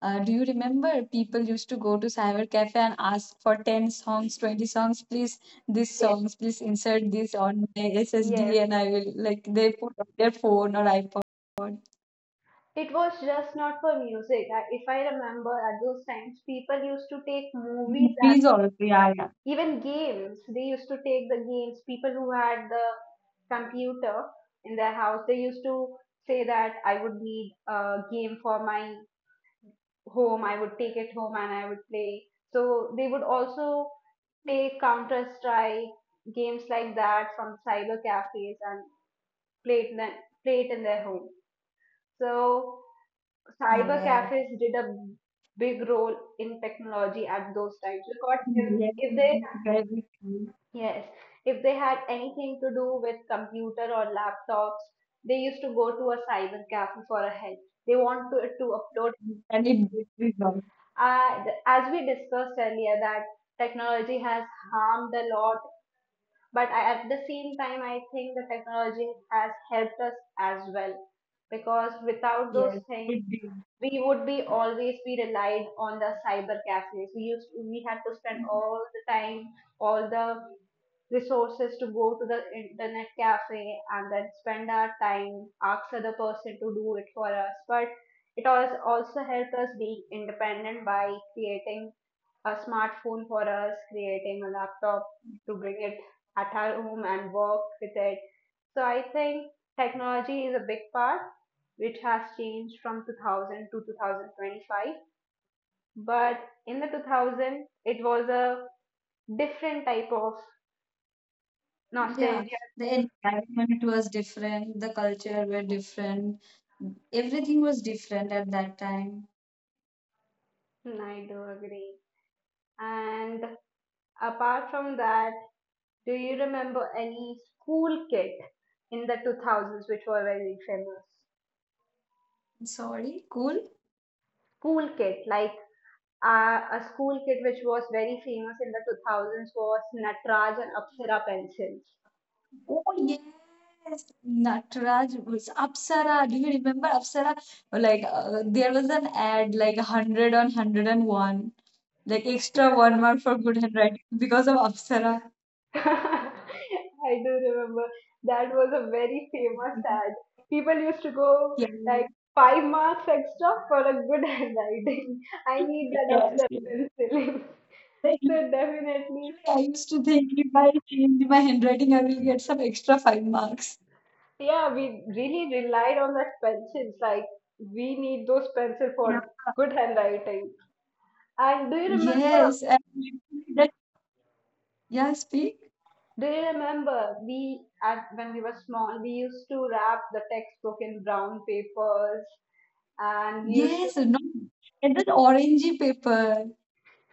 Speaker 1: Do you remember people used to go to cyber cafe and ask for 10 songs, 20 songs, please, this
Speaker 2: Yes.
Speaker 1: songs, please insert this on my
Speaker 2: Yes.
Speaker 1: SSD, and I will like they put on their phone or iPod.
Speaker 2: It was just not for music. If I remember, at those times, people used to take movies.
Speaker 1: Movies also, yeah, yeah.
Speaker 2: Even games, they used to take the games. People who had the computer in their house, they used to say that I would need a game for my home. I would take it home and I would play. So they would also take Counter Strike games like that from cyber cafes and play it, play it in their home. So cyber
Speaker 1: Yeah.
Speaker 2: cafes did a big role in technology at those times because if,
Speaker 1: Yes,
Speaker 2: if there,
Speaker 1: yes, very true.
Speaker 2: yes, if they had anything to do with computer or laptops, they used to go to a cyber cafe for a help. They want to upload.
Speaker 1: And it did result.
Speaker 2: As we discussed earlier, that technology has harmed a lot, but I, at the same time, I think the technology has helped us as well because without those
Speaker 1: Yes,
Speaker 2: things
Speaker 1: it did.
Speaker 2: we would be always be relied on the cyber cafes. We had to spend
Speaker 1: Mhm.
Speaker 2: all the time, all the resources to go to the internet cafe and then spend our time, ask other person to do it for us. But it has also helped us be independent by creating a smartphone for us, creating a laptop to bring it at our home and work with it. So I think technology is a big part which has changed from 2000 to 2025. But in the 2000, it was a different type of
Speaker 1: Yeah,
Speaker 2: nostalgia.
Speaker 1: the environment was different, the culture were different, everything was different at that time.
Speaker 2: I do agree. And apart from that, do you remember any school kit in the 2000s which were very famous?
Speaker 1: Sorry, cool.
Speaker 2: School kit, like, a school kit which was very famous in the 2000s was Nataraj and Apsara pencils.
Speaker 1: Oh yes, Nataraj was Apsara. Do you remember Apsara? Like there was an ad like 100 on 101, like extra one mark for good handwriting because of Apsara.
Speaker 2: I do remember that was a very famous ad. People used to go
Speaker 1: Yeah.
Speaker 2: like five marks extra for a good handwriting. I need that
Speaker 1: Yes, yes.
Speaker 2: upset penciling.
Speaker 1: Like
Speaker 2: So
Speaker 1: literally,
Speaker 2: definitely,
Speaker 1: I used to think if I change my handwriting, I will get some extra five marks.
Speaker 2: yeah, we really relied on that pencils. Like we need those pencil
Speaker 1: Yeah.
Speaker 2: for good handwriting. And do you remember?
Speaker 1: Yes, and literally that, yeah, speak.
Speaker 2: Do you remember we at when we were small, we used to wrap the textbook in brown papers and we used to
Speaker 1: Yes, no, and that orangey paper.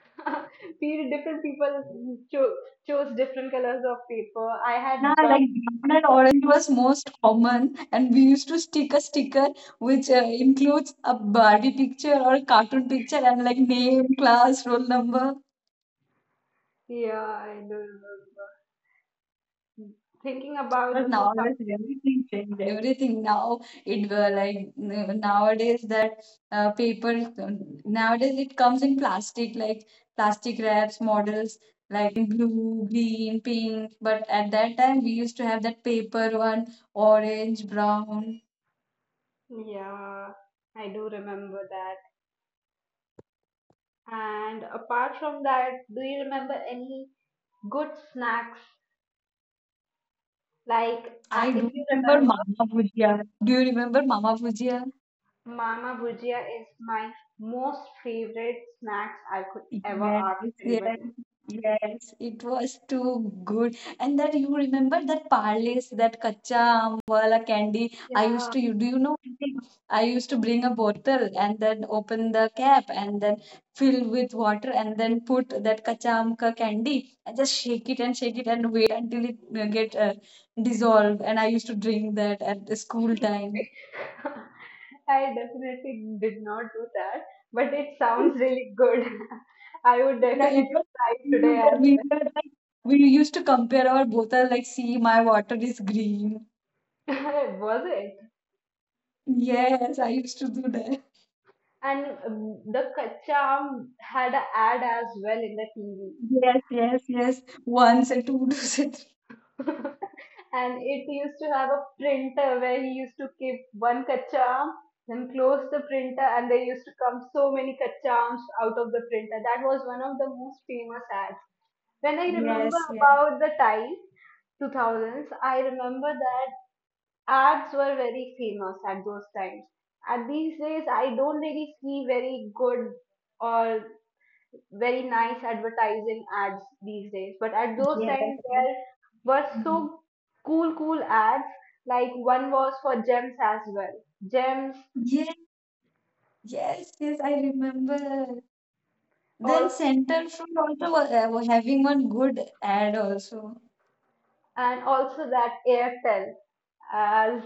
Speaker 2: We, different people cho- chose different colors of paper. I
Speaker 1: Yeah,
Speaker 2: had brown
Speaker 1: like Brahman and
Speaker 2: paper.
Speaker 1: orange was most common, and we used to stick a sticker which includes a Barbie picture or a cartoon picture and like name, class, roll number.
Speaker 2: Yeah, I do remember. Thinking about
Speaker 1: But
Speaker 2: the
Speaker 1: nowadays
Speaker 2: 2000.
Speaker 1: everything changed. Everything now it were like nowadays that paper, nowadays it comes in plastic like plastic wraps models like in blue, green, pink. But at that time we used to have that paper one, orange, brown.
Speaker 2: Yeah, I do remember that. And apart from that, do you remember any good snacks? Like,
Speaker 1: I do
Speaker 2: if you
Speaker 1: remember
Speaker 2: remember,
Speaker 1: Mama Bhujia. Do you remember Mama Bhujia?
Speaker 2: Mama Bhujia is my most favorite snacks I could ever
Speaker 1: Yes,
Speaker 2: ask
Speaker 1: yes,
Speaker 2: anybody.
Speaker 1: yes. It was too good. And that you remember that parlays, that kacha aam wala candy. I used
Speaker 2: Yeah,
Speaker 1: to, you do you know one thing? I used to bring a bottle and then open the cap and then fill with water and then put that kacha aam ka candy and just shake it and wait until it get dissolved. And I used to drink that at the school time.
Speaker 2: I definitely did not do that, but it sounds really good. I would
Speaker 1: Yeah, it
Speaker 2: definitely
Speaker 1: was
Speaker 2: try today
Speaker 1: that we were like we used to compare our bottle like see my water is green.
Speaker 2: as was it.
Speaker 1: Yes, I used to do that.
Speaker 2: And the Kaccha Aam had an ad as well in the TV.
Speaker 1: Yes, yes, yes. Once and two. does it.
Speaker 2: And it used to have a printer where he used to keep one Kaccha Aam, then close the printer, and there used to come so many Kaccha Aams out of the printer. That was one of the most famous ads. When I remember
Speaker 1: Yes, yes,
Speaker 2: about the time 2000s, I remember that ads were very famous at those times. And these days, I don't really see very good or very nice advertising ads these days. But at those
Speaker 1: yes,
Speaker 2: times,
Speaker 1: yes.
Speaker 2: there were
Speaker 1: Mm.
Speaker 2: so cool, cool ads. Like one was for gems as well, gems
Speaker 1: Yes, yes, yes, I remember. Then
Speaker 2: also,
Speaker 1: Center Fruit also was having one good ad also.
Speaker 2: and also that Airtel. As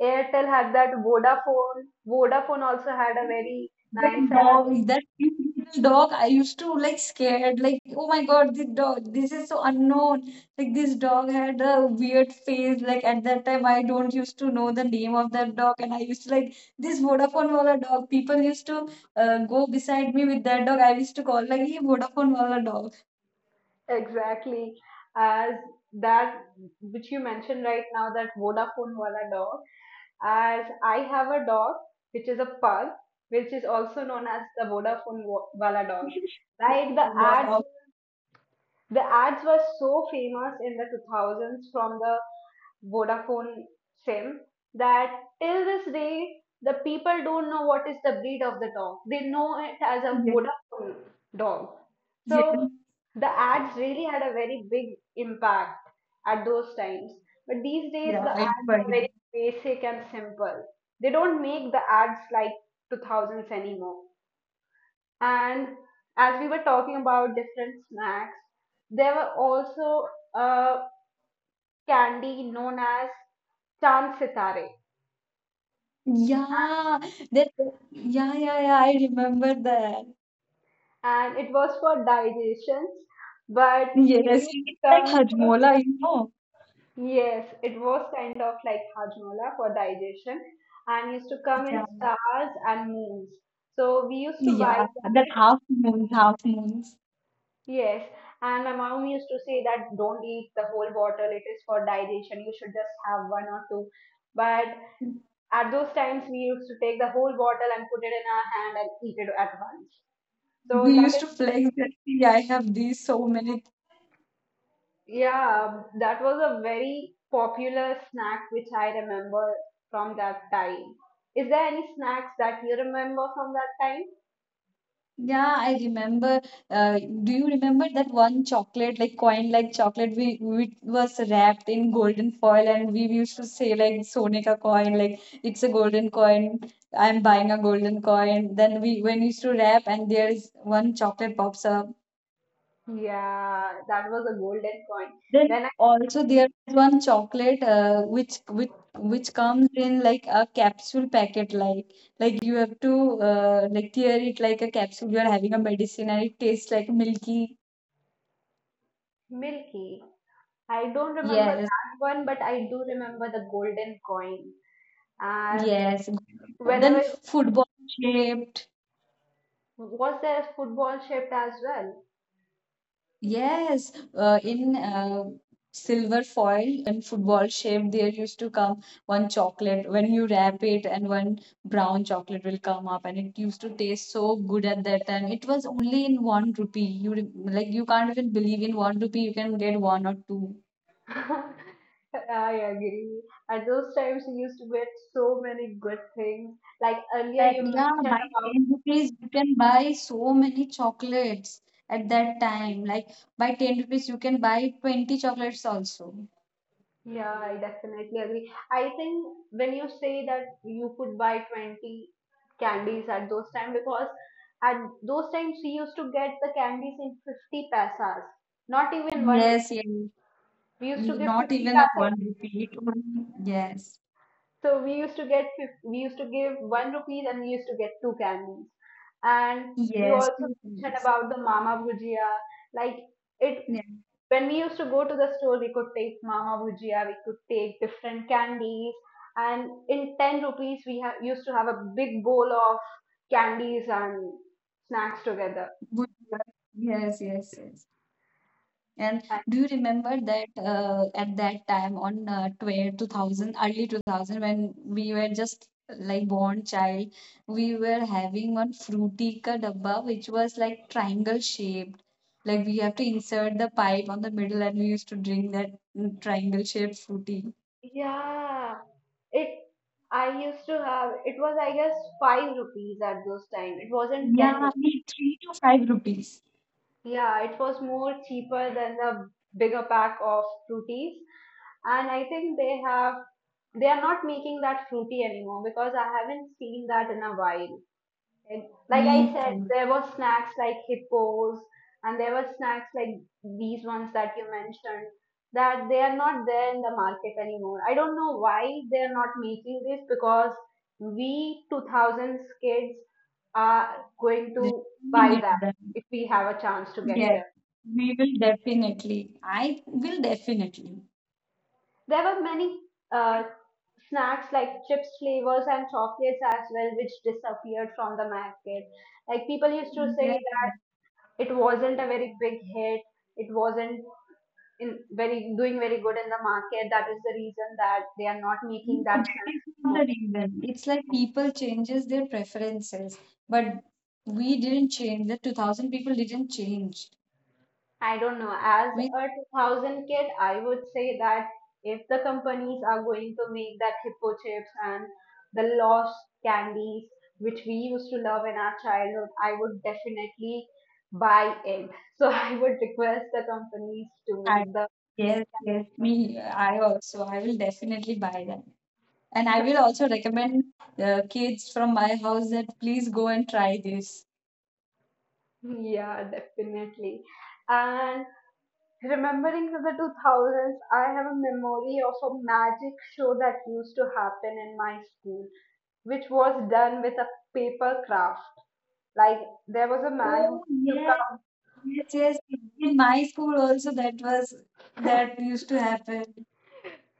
Speaker 2: Airtel had that Vodafone. Vodafone also had a very
Speaker 1: That
Speaker 2: nice app,
Speaker 1: dog, that little dog, I used to like scared, like, oh my God, this dog, this is so unknown. Like this dog had a weird face. Like at that time, I don't used to know the name of that dog, and I used to like this Vodafone wala dog. People used to go beside me with that dog. I used to call like, hey, Vodafone wala dog.
Speaker 2: exactly as that which you mentioned right now, that Vodafone wala dog. As I have a dog which is a pug, which is also known as the Vodafone wala dog. Like the ads,
Speaker 1: Wow.
Speaker 2: the ads were so famous in the 2000s from the Vodafone SIM that till this day the people don't know what is the breed of the dog. They know it as a
Speaker 1: Yes.
Speaker 2: Vodafone dog.
Speaker 1: Yes.
Speaker 2: So the ads really had a very big impact at those times. But these days
Speaker 1: Yeah,
Speaker 2: the
Speaker 1: I
Speaker 2: ads
Speaker 1: do, I
Speaker 2: are
Speaker 1: do.
Speaker 2: very basic and simple. They don't make the ads like 2000s anymore. And as we were talking about different snacks, there were also a candy known as chand sitare,
Speaker 1: Yeah, that. Yeah, yeah, yeah. I remember that.
Speaker 2: and it was for digestion, but it
Speaker 1: Yes,
Speaker 2: used to
Speaker 1: it's like
Speaker 2: come for,
Speaker 1: Hajmola.
Speaker 2: yes, it was kind of like hajmola for digestion, and used to come
Speaker 1: Yeah.
Speaker 2: in stars and moons. So we used to buy,
Speaker 1: Yeah, that half moons, half moons.
Speaker 2: yes, and my mom used to say that don't eat the whole bottle; it is for digestion. You should just have one or two, but at those times, we used to take the whole bottle and put it in our hand and eat it at once. So
Speaker 1: We
Speaker 2: that
Speaker 1: used
Speaker 2: is,
Speaker 1: to flex that, see, I have these so many.
Speaker 2: yeah, that was a very popular snack which I remember from that time. Is there any snacks that you remember from that time?
Speaker 1: Yeah, I remember. Do you remember that one chocolate, like coin like chocolate, we it was wrapped in golden foil and we used to say like, "Sone ka coin," like it's a golden coin. I'm buying a golden coin. Then we when we used to wrap and there's one chocolate pops up.
Speaker 2: Yeah, that was a golden coin.
Speaker 1: Then
Speaker 2: When I
Speaker 1: also there is one chocolate which comes in like a capsule packet, like you have to like tear it like a capsule. You are having a medicine and it tastes like milky.
Speaker 2: Milky, I don't remember
Speaker 1: Yes,
Speaker 2: that one, but I do remember the golden coin. As
Speaker 1: yes. Then
Speaker 2: whenever,
Speaker 1: football shaped.
Speaker 2: was there a football shaped as well?
Speaker 1: Yes, in silver foil and football shape, there used to come one chocolate. When you wrap it, and one brown chocolate will come up, and it used to taste so good at that time. It was only in one rupee. Like you can't even believe in one rupee you can get one or two.
Speaker 2: I agree. At those times, we used to get so many good things. Like earlier,
Speaker 1: That,
Speaker 2: you
Speaker 1: yeah,
Speaker 2: mentioned
Speaker 1: by
Speaker 2: about.
Speaker 1: 10 rupees you can buy so many chocolates at that time. Like by 10 rupees you can buy 20 chocolates also.
Speaker 2: Yeah, I definitely agree. I think when you say that you could buy 20 candies at those times, because at those times, we used to get the candies in 50 paisas, not even one rupee.
Speaker 1: Yes, yes.
Speaker 2: We used to give
Speaker 1: Not
Speaker 2: 50
Speaker 1: even a
Speaker 2: paisa,
Speaker 1: one repeat. One, yes,
Speaker 2: so we used to get we used to give one rupees and we used to get two candies. And you
Speaker 1: yes,
Speaker 2: also
Speaker 1: two
Speaker 2: mentioned
Speaker 1: hundreds.
Speaker 2: about the Mama Bhujia. Like it
Speaker 1: Yeah.
Speaker 2: when we used to go to the store, we could take Mama Bhujia, we could take different candies, and in ten rupees we used to have a big bowl of candies and snacks together.
Speaker 1: Good luck. Yes, yes, yes. And
Speaker 2: And
Speaker 1: do you remember that at that time on 12, 2000, early 2000, when we were just like born child, we were having one fruity ka dabba, which was like triangle shaped. Like we have to insert the pipe on the middle, and we used to drink that triangle shaped fruity.
Speaker 2: yeah, it I used to have, it was I guess five rupees at those time. It wasn't ten
Speaker 1: Yeah,
Speaker 2: rupees.
Speaker 1: me 3 to 5 rupees.
Speaker 2: Yeah, it was more cheaper than the bigger pack of fruities. And I think they are not making that fruity anymore because I haven't seen that in a while. Like
Speaker 1: Me
Speaker 2: I said,
Speaker 1: too.
Speaker 2: there were snacks like hippos, and there were snacks like these ones that you mentioned that they are not there in the market anymore. I don't know why they are not making this because we 2000s kids are going
Speaker 1: Did
Speaker 2: to
Speaker 1: we
Speaker 2: buy
Speaker 1: need
Speaker 2: that
Speaker 1: them?
Speaker 2: if we have a chance to get
Speaker 1: Yes,
Speaker 2: them.
Speaker 1: we will definitely. I will definitely.
Speaker 2: There were many uh, snacks like chips flavors and chocolates as well, which disappeared from the market. Like people used to
Speaker 1: Yes,
Speaker 2: say it wasn't a very big hit, it wasn't in very doing very good in the market, that is the reason that they are not making
Speaker 1: no,
Speaker 2: that
Speaker 1: that
Speaker 2: snack
Speaker 1: is not
Speaker 2: anymore.
Speaker 1: the reason. It's like people changes their preferences, but we didn't change. The 2000 people didn't change.
Speaker 2: I don't know, as
Speaker 1: We
Speaker 2: a 2000 kid I would say that if the companies are going to make that hippo chips and the lost candies which we used to love in our childhood I would definitely buy it, so I would request the companies to
Speaker 1: had,
Speaker 2: make the,
Speaker 1: yes, yes, me, I also. I will definitely buy that, and I will also recommend the kids from my house that please go and try this.
Speaker 2: yeah, definitely. And remembering the 2000s, I have a memory of a magic show that used to happen in my school, which was done with a paper craft. Like there was a man who
Speaker 1: Oh
Speaker 2: used to
Speaker 1: yes,
Speaker 2: come.
Speaker 1: yes, yes. In my school also that was, that used to happen.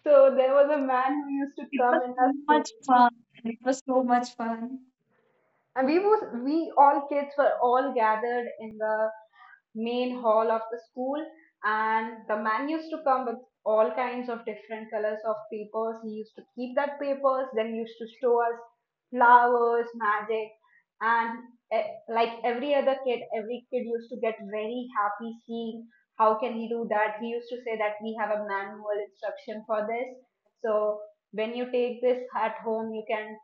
Speaker 2: So there was a man who used to
Speaker 1: It
Speaker 2: come
Speaker 1: was
Speaker 2: in our
Speaker 1: so
Speaker 2: school.
Speaker 1: much fun. It was so much fun.
Speaker 2: And we was we all kids were all gathered in the main hall of the school, and the man used to come with all kinds of different colors of papers. He used to keep that papers, then he used to show us flowers, magic, and like every other kid, every kid used to get very happy seeing how can he do that. He used to say that we have a manual instruction for this. So when you take this at home, you can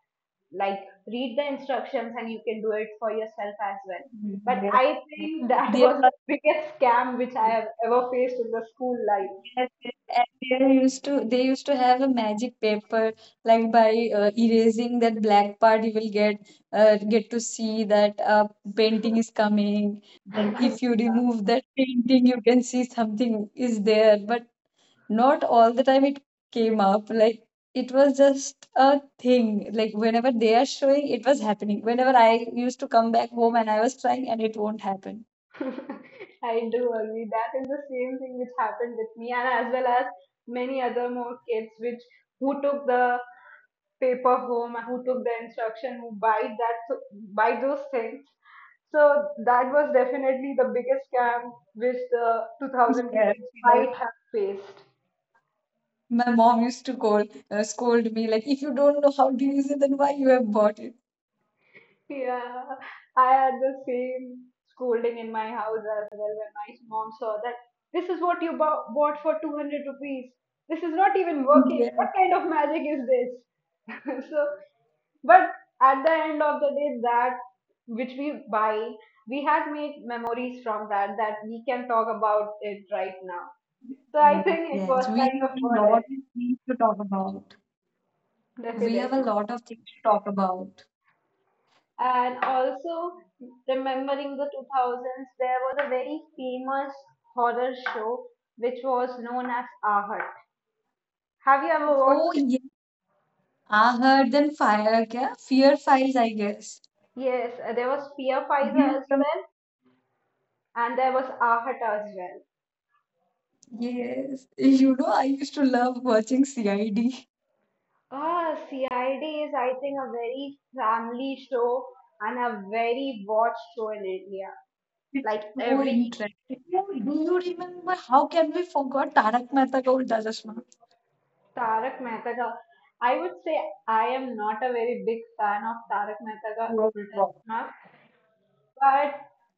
Speaker 2: like read the instructions and you can do it for yourself as well, but
Speaker 1: Yes,
Speaker 2: I
Speaker 1: yes.
Speaker 2: think that
Speaker 1: There
Speaker 2: was
Speaker 1: was,
Speaker 2: the biggest scam which I have ever faced in the school life.
Speaker 1: yes, yes, and there used to, they used to have a magic paper, like by erasing that black part you will get to see that painting is coming. Then if you remove that painting you can see something is there, but not all the time it came up. Like it was just a thing, like whenever they are showing it was happening. Whenever I used to come back home and I was trying, and it won't happen.
Speaker 2: I do agree, that is the same thing which happened with me and as well as many other more kids which who took the paper home, who took the instruction, who buy those things. So that was definitely the biggest scam which the 2000
Speaker 1: Yes,
Speaker 2: kids
Speaker 1: yes.
Speaker 2: might have faced.
Speaker 1: My mom used to call, scold me like, if you don't know how to use it then why you have bought it.
Speaker 2: Yeah, I had the same scolding in my house as well when my mom saw that this is what you bought for 200 rupees. This is not even working.
Speaker 1: Yes,
Speaker 2: What kind of magic is this? So, but at the end of the day, that which we buy, we have made memories from that, that we can talk about it right now. So I
Speaker 1: yes,
Speaker 2: think it was
Speaker 1: yes. We have
Speaker 2: kind of
Speaker 1: a lot
Speaker 2: worth
Speaker 1: of things to talk about.
Speaker 2: it.
Speaker 1: We have
Speaker 2: Definitely.
Speaker 1: a lot of things to talk about
Speaker 2: And also, remembering the 2000s, there was a very famous horror show which was known as Ahat. Have you ever
Speaker 1: Oh
Speaker 2: watched it?
Speaker 1: yeah, I heard then fire kya? Fear Files I guess.
Speaker 2: Yes, there was Fear Fighter as well, and there was Ahat as well.
Speaker 1: Yes, you know, I used to love watching CID.
Speaker 2: Ah, CID is, I think, a very family show and a very watched show in India.
Speaker 1: It's
Speaker 2: Like
Speaker 1: so
Speaker 2: every
Speaker 1: interesting. No, you know, do you remember, how can we forget Tarak Mehta Ka Ulta Chashma?
Speaker 2: Tarak Mehta ka, I would say I am not a very big fan of Tarak Mehta ka Ulta Chashma, but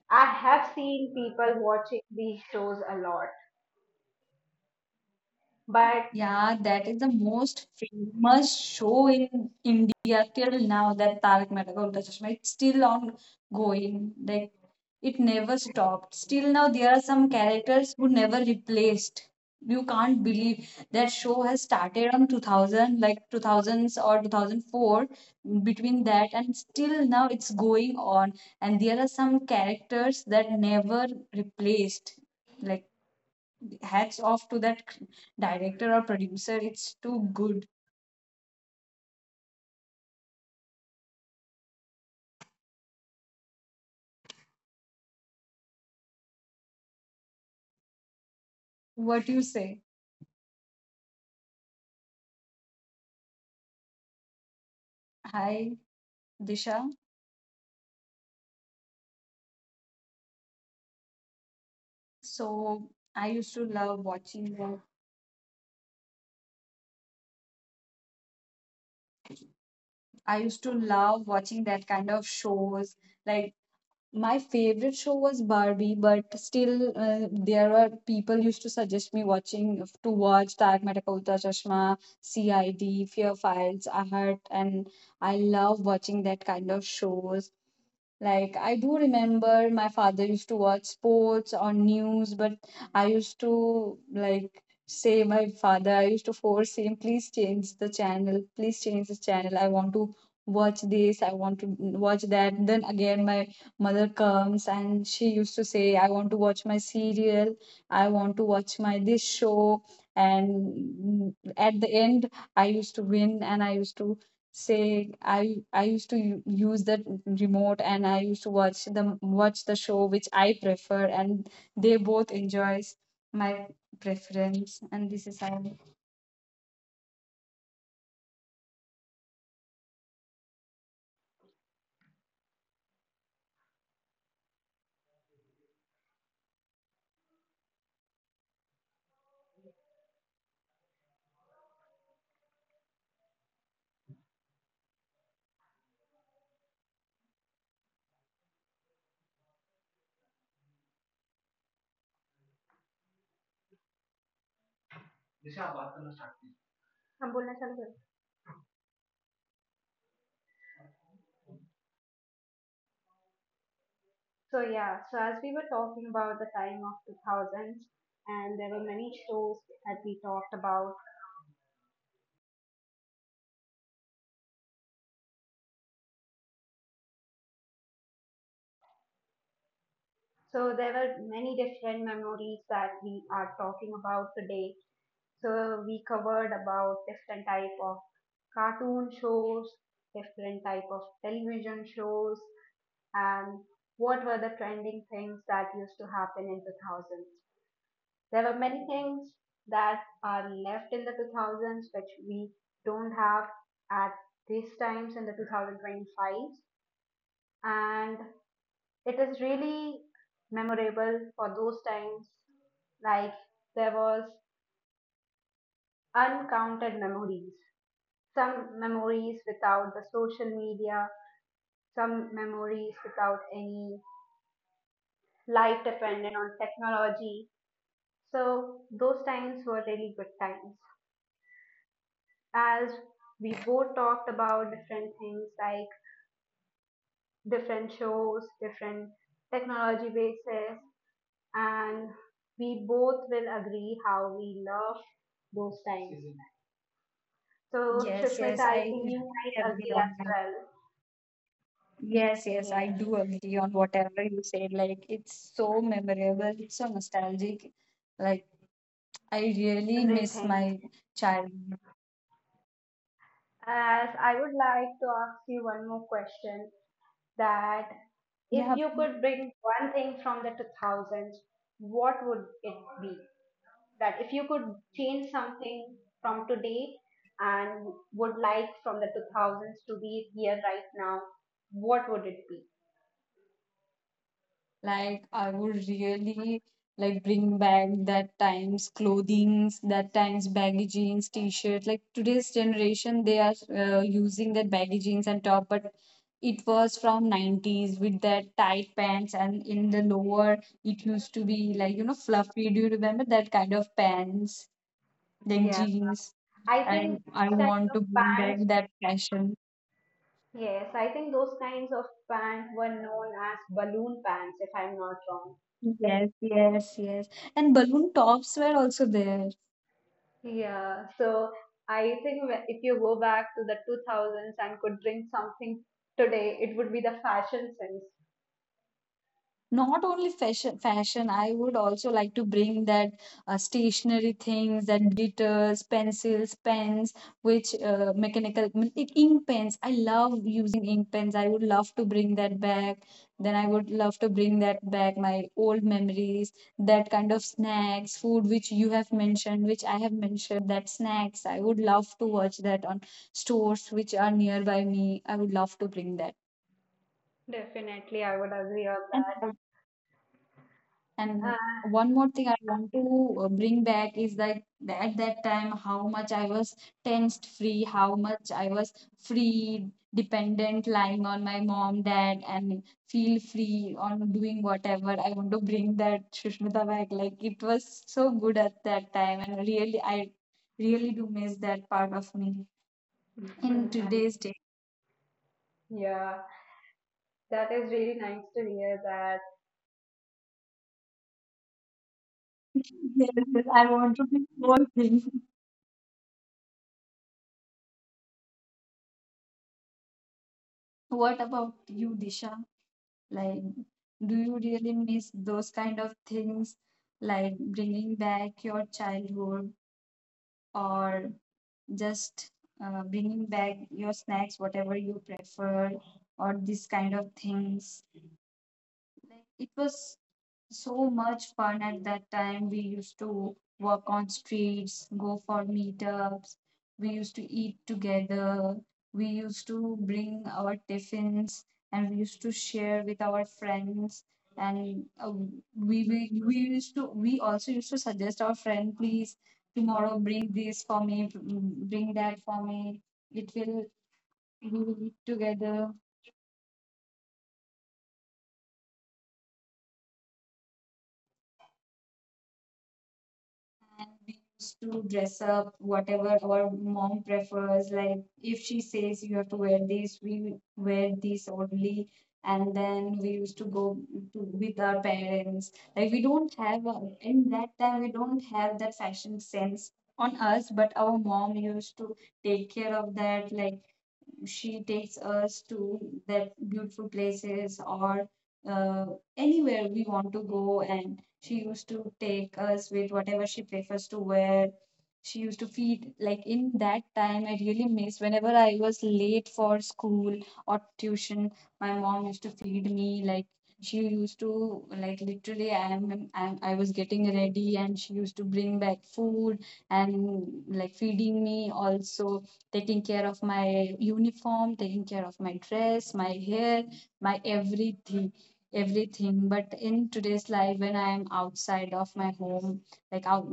Speaker 2: I have seen people watching these shows a lot. But
Speaker 1: Yeah, that is the most famous show in India till now. That Tarak Mehta Ka Ulta Chashma. It's still ongoing. Like it never stopped. Still now, there are some characters who never replaced. You can't believe that show has started on 2000, like 2000s or 2004. Between that and still now, it's going on. And there are some characters that never replaced. Like hats off to that director or producer. It's too good. What you say? Hi, Disha. So I used to love watching that. I used to love watching that kind of shows. Like my favorite show was Barbie, but still there were people used to suggest me watching, to watch Tarak Mehta Ka Ulta Chashma, CID, Fear Files, Ahat, and I love watching that kind of shows. Like I do remember my father used to watch sports on news, but I used to like say my father, I used to force him, please change the channel, please change the channel. I want to watch this, I want to watch that. Then again my mother comes and she used to say, I want to watch my serial, I want to watch my this show. And at the end, I used to win and I used to say, I used to use the remote and I used to watch them, watch the show which I prefer, and they both enjoys my preference and this is how.
Speaker 2: हम बोलना चालू कर, so yeah, so as we were talking about the time of 2000s and there were many shows that we talked about, so there were many different memories that we are talking about today. So we covered about different type of cartoon shows, different type of television shows, and what were the trending things that used to happen in 2000s. There were many things that are left in the 2000s which we don't have at these times in the 2025s, and it is really memorable for those times. Like there was uncounted memories, some memories without the social media, some memories without any life dependent on technology. So those times were really good times. As we both talked about different things, like different shows, different technology bases, and we both will agree how we love those times. So,
Speaker 1: Yes,
Speaker 2: Shushmita,
Speaker 1: yes,
Speaker 2: I
Speaker 1: I
Speaker 2: think you might
Speaker 1: agree
Speaker 2: agree as
Speaker 1: on that.
Speaker 2: well.
Speaker 1: Yes, yes, I
Speaker 2: Yes,
Speaker 1: do agree on whatever you said. Like, it's so memorable, it's so nostalgic. Like, I really miss
Speaker 2: everything.
Speaker 1: my childhood.
Speaker 2: As I would like to ask you one more question: that
Speaker 1: Yeah,
Speaker 2: if you could bring one thing from the 2000s, what would it be? That if you could change something from today and would like from the 2000s to be here right now, what would it be?
Speaker 1: like I would really like bring back that times clothings, that times baggy jeans, t-shirt. Like today's generation, they are using that baggy jeans and top, but it was from 90s with that tight pants and in the lower it used to be like, you know, fluffy. Do you remember that kind of pants, like
Speaker 2: Yeah,
Speaker 1: jeans?
Speaker 2: I think
Speaker 1: And I
Speaker 2: those kinds
Speaker 1: want
Speaker 2: of
Speaker 1: to bring back
Speaker 2: pants,
Speaker 1: that fashion.
Speaker 2: yes, I think those kinds of pants were known as balloon pants, if I'm not wrong.
Speaker 1: Yes, yes, yes. And balloon tops were also there.
Speaker 2: Yeah, so I think if you go back to the 2000s and could bring something today, it would be the fashion sense.
Speaker 1: Not only fashion, I would also like to bring that stationary things, that glitters pencils, pens, which mechanical ink pens. I love using ink pens. I would love to bring that back. Then I would love to bring that back, my old memories, that kind of snacks, food which you have mentioned, which I have mentioned that snacks. I would love to watch that on stores which are nearby me. I would love to bring that.
Speaker 2: Definitely, I would agree on
Speaker 1: and And
Speaker 2: that.
Speaker 1: one more thing I want to bring back is that at that time, how much I was tensed free, how much I was free, dependent, lying on my mom, dad, and feel free on doing whatever. I want to bring that Shushmita back. Like it was so good at that time, and really, I really do miss that part of me in
Speaker 2: And
Speaker 1: today's day.
Speaker 2: yeah, that is really nice to hear that
Speaker 1: Yes, yes, I want to be more free. What about you, Disha? Like, do you really miss those kind of things, like bringing back your childhood or just bringing back your snacks, whatever you prefer, or this kind of things? Like, it was so much fun at that time. We used to walk on streets, go for meetups. We used to eat together. We used to bring our tiffins and we used to share with our friends. And we used to, we also used to suggest our friend, please tomorrow bring this for me, bring that for me. It will, we will eat together. And we used to dress up whatever our mom prefers. Like if she says you have to wear this, we wear this only. And then we used to go to, with our parents. Like we don't have a, in that time we don't have that fashion sense on us, but our mom used to take care of that. Like she takes us to that beautiful places or uh, anywhere we want to go, and she used to take us with whatever she prefers to wear. She used to feed, like in that time I really miss, whenever I was late for school or tuition, my mom used to feed me. Like she used to, like literally I was getting ready and she used to bring back food and like feeding me, also taking care of my uniform, taking care of my dress, my hair, my everything, everything. But in today's life, when I am outside of my home, like out,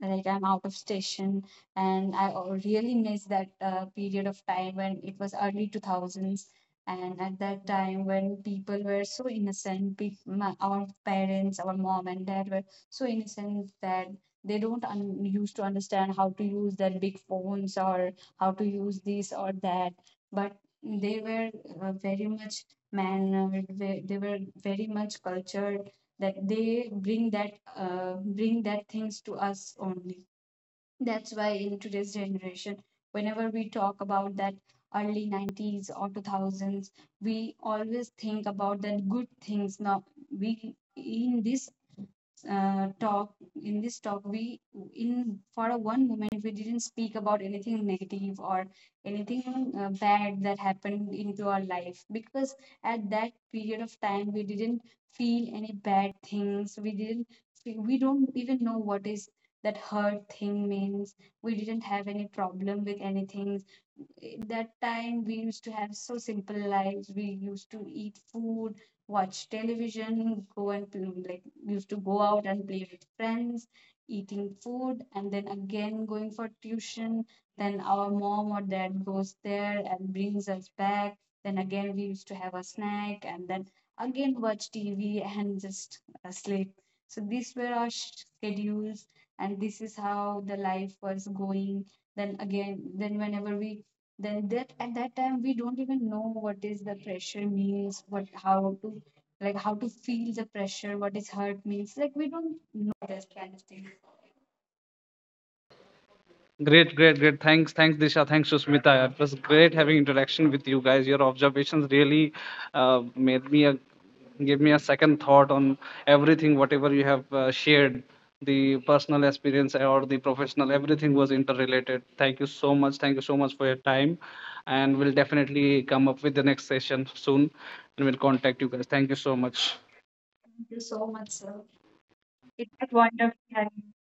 Speaker 1: like I'm out of station, and I really miss that period of time when it was early two thousands. And at that time, when people were so innocent, peop my, our parents, our mom and dad were so innocent that they don't used to understand how to use their big phones or how to use this or that. But they were very much mannered. They were very much cultured. That they bring that things to us only. That's why in today's generation, whenever we talk about that early 90s or 2000s, we always think about that good things. Now we in this talk, in this talk, we, in for a one moment, we didn't speak about anything negative or anything bad that happened into our life, because at that period of time we didn't feel any bad things. We didn't, we don't even know what is that hurt thing means. We didn't have any problem with anything that time. We used to have so simple lives. We used to eat food, watch television, go and like used to go out and play with friends, eating food, and then again going for tuition. Then our mom or dad goes there and brings us back. Then again we used to have a snack and then again watch TV and just sleep. So these were our schedules, and this is how the life was going. Then again, then whenever we then that at that time we don't even know what is the pressure means, what, how to, like how to feel the pressure, what is hurt means, like we don't know this kind of thing.
Speaker 3: Great, great, great. Thanks, Disha. Thanks, Susmita. It was great having interaction with you guys. Your observations really made me a, give me a second thought on everything, whatever you have shared. The personal experience or the professional, everything was interrelated. Thank you so much. Thank you so much for your time. And we'll definitely come up with the next session soon and we'll contact you guys. Thank you so much.
Speaker 1: Thank you so much sir, it was wonderful having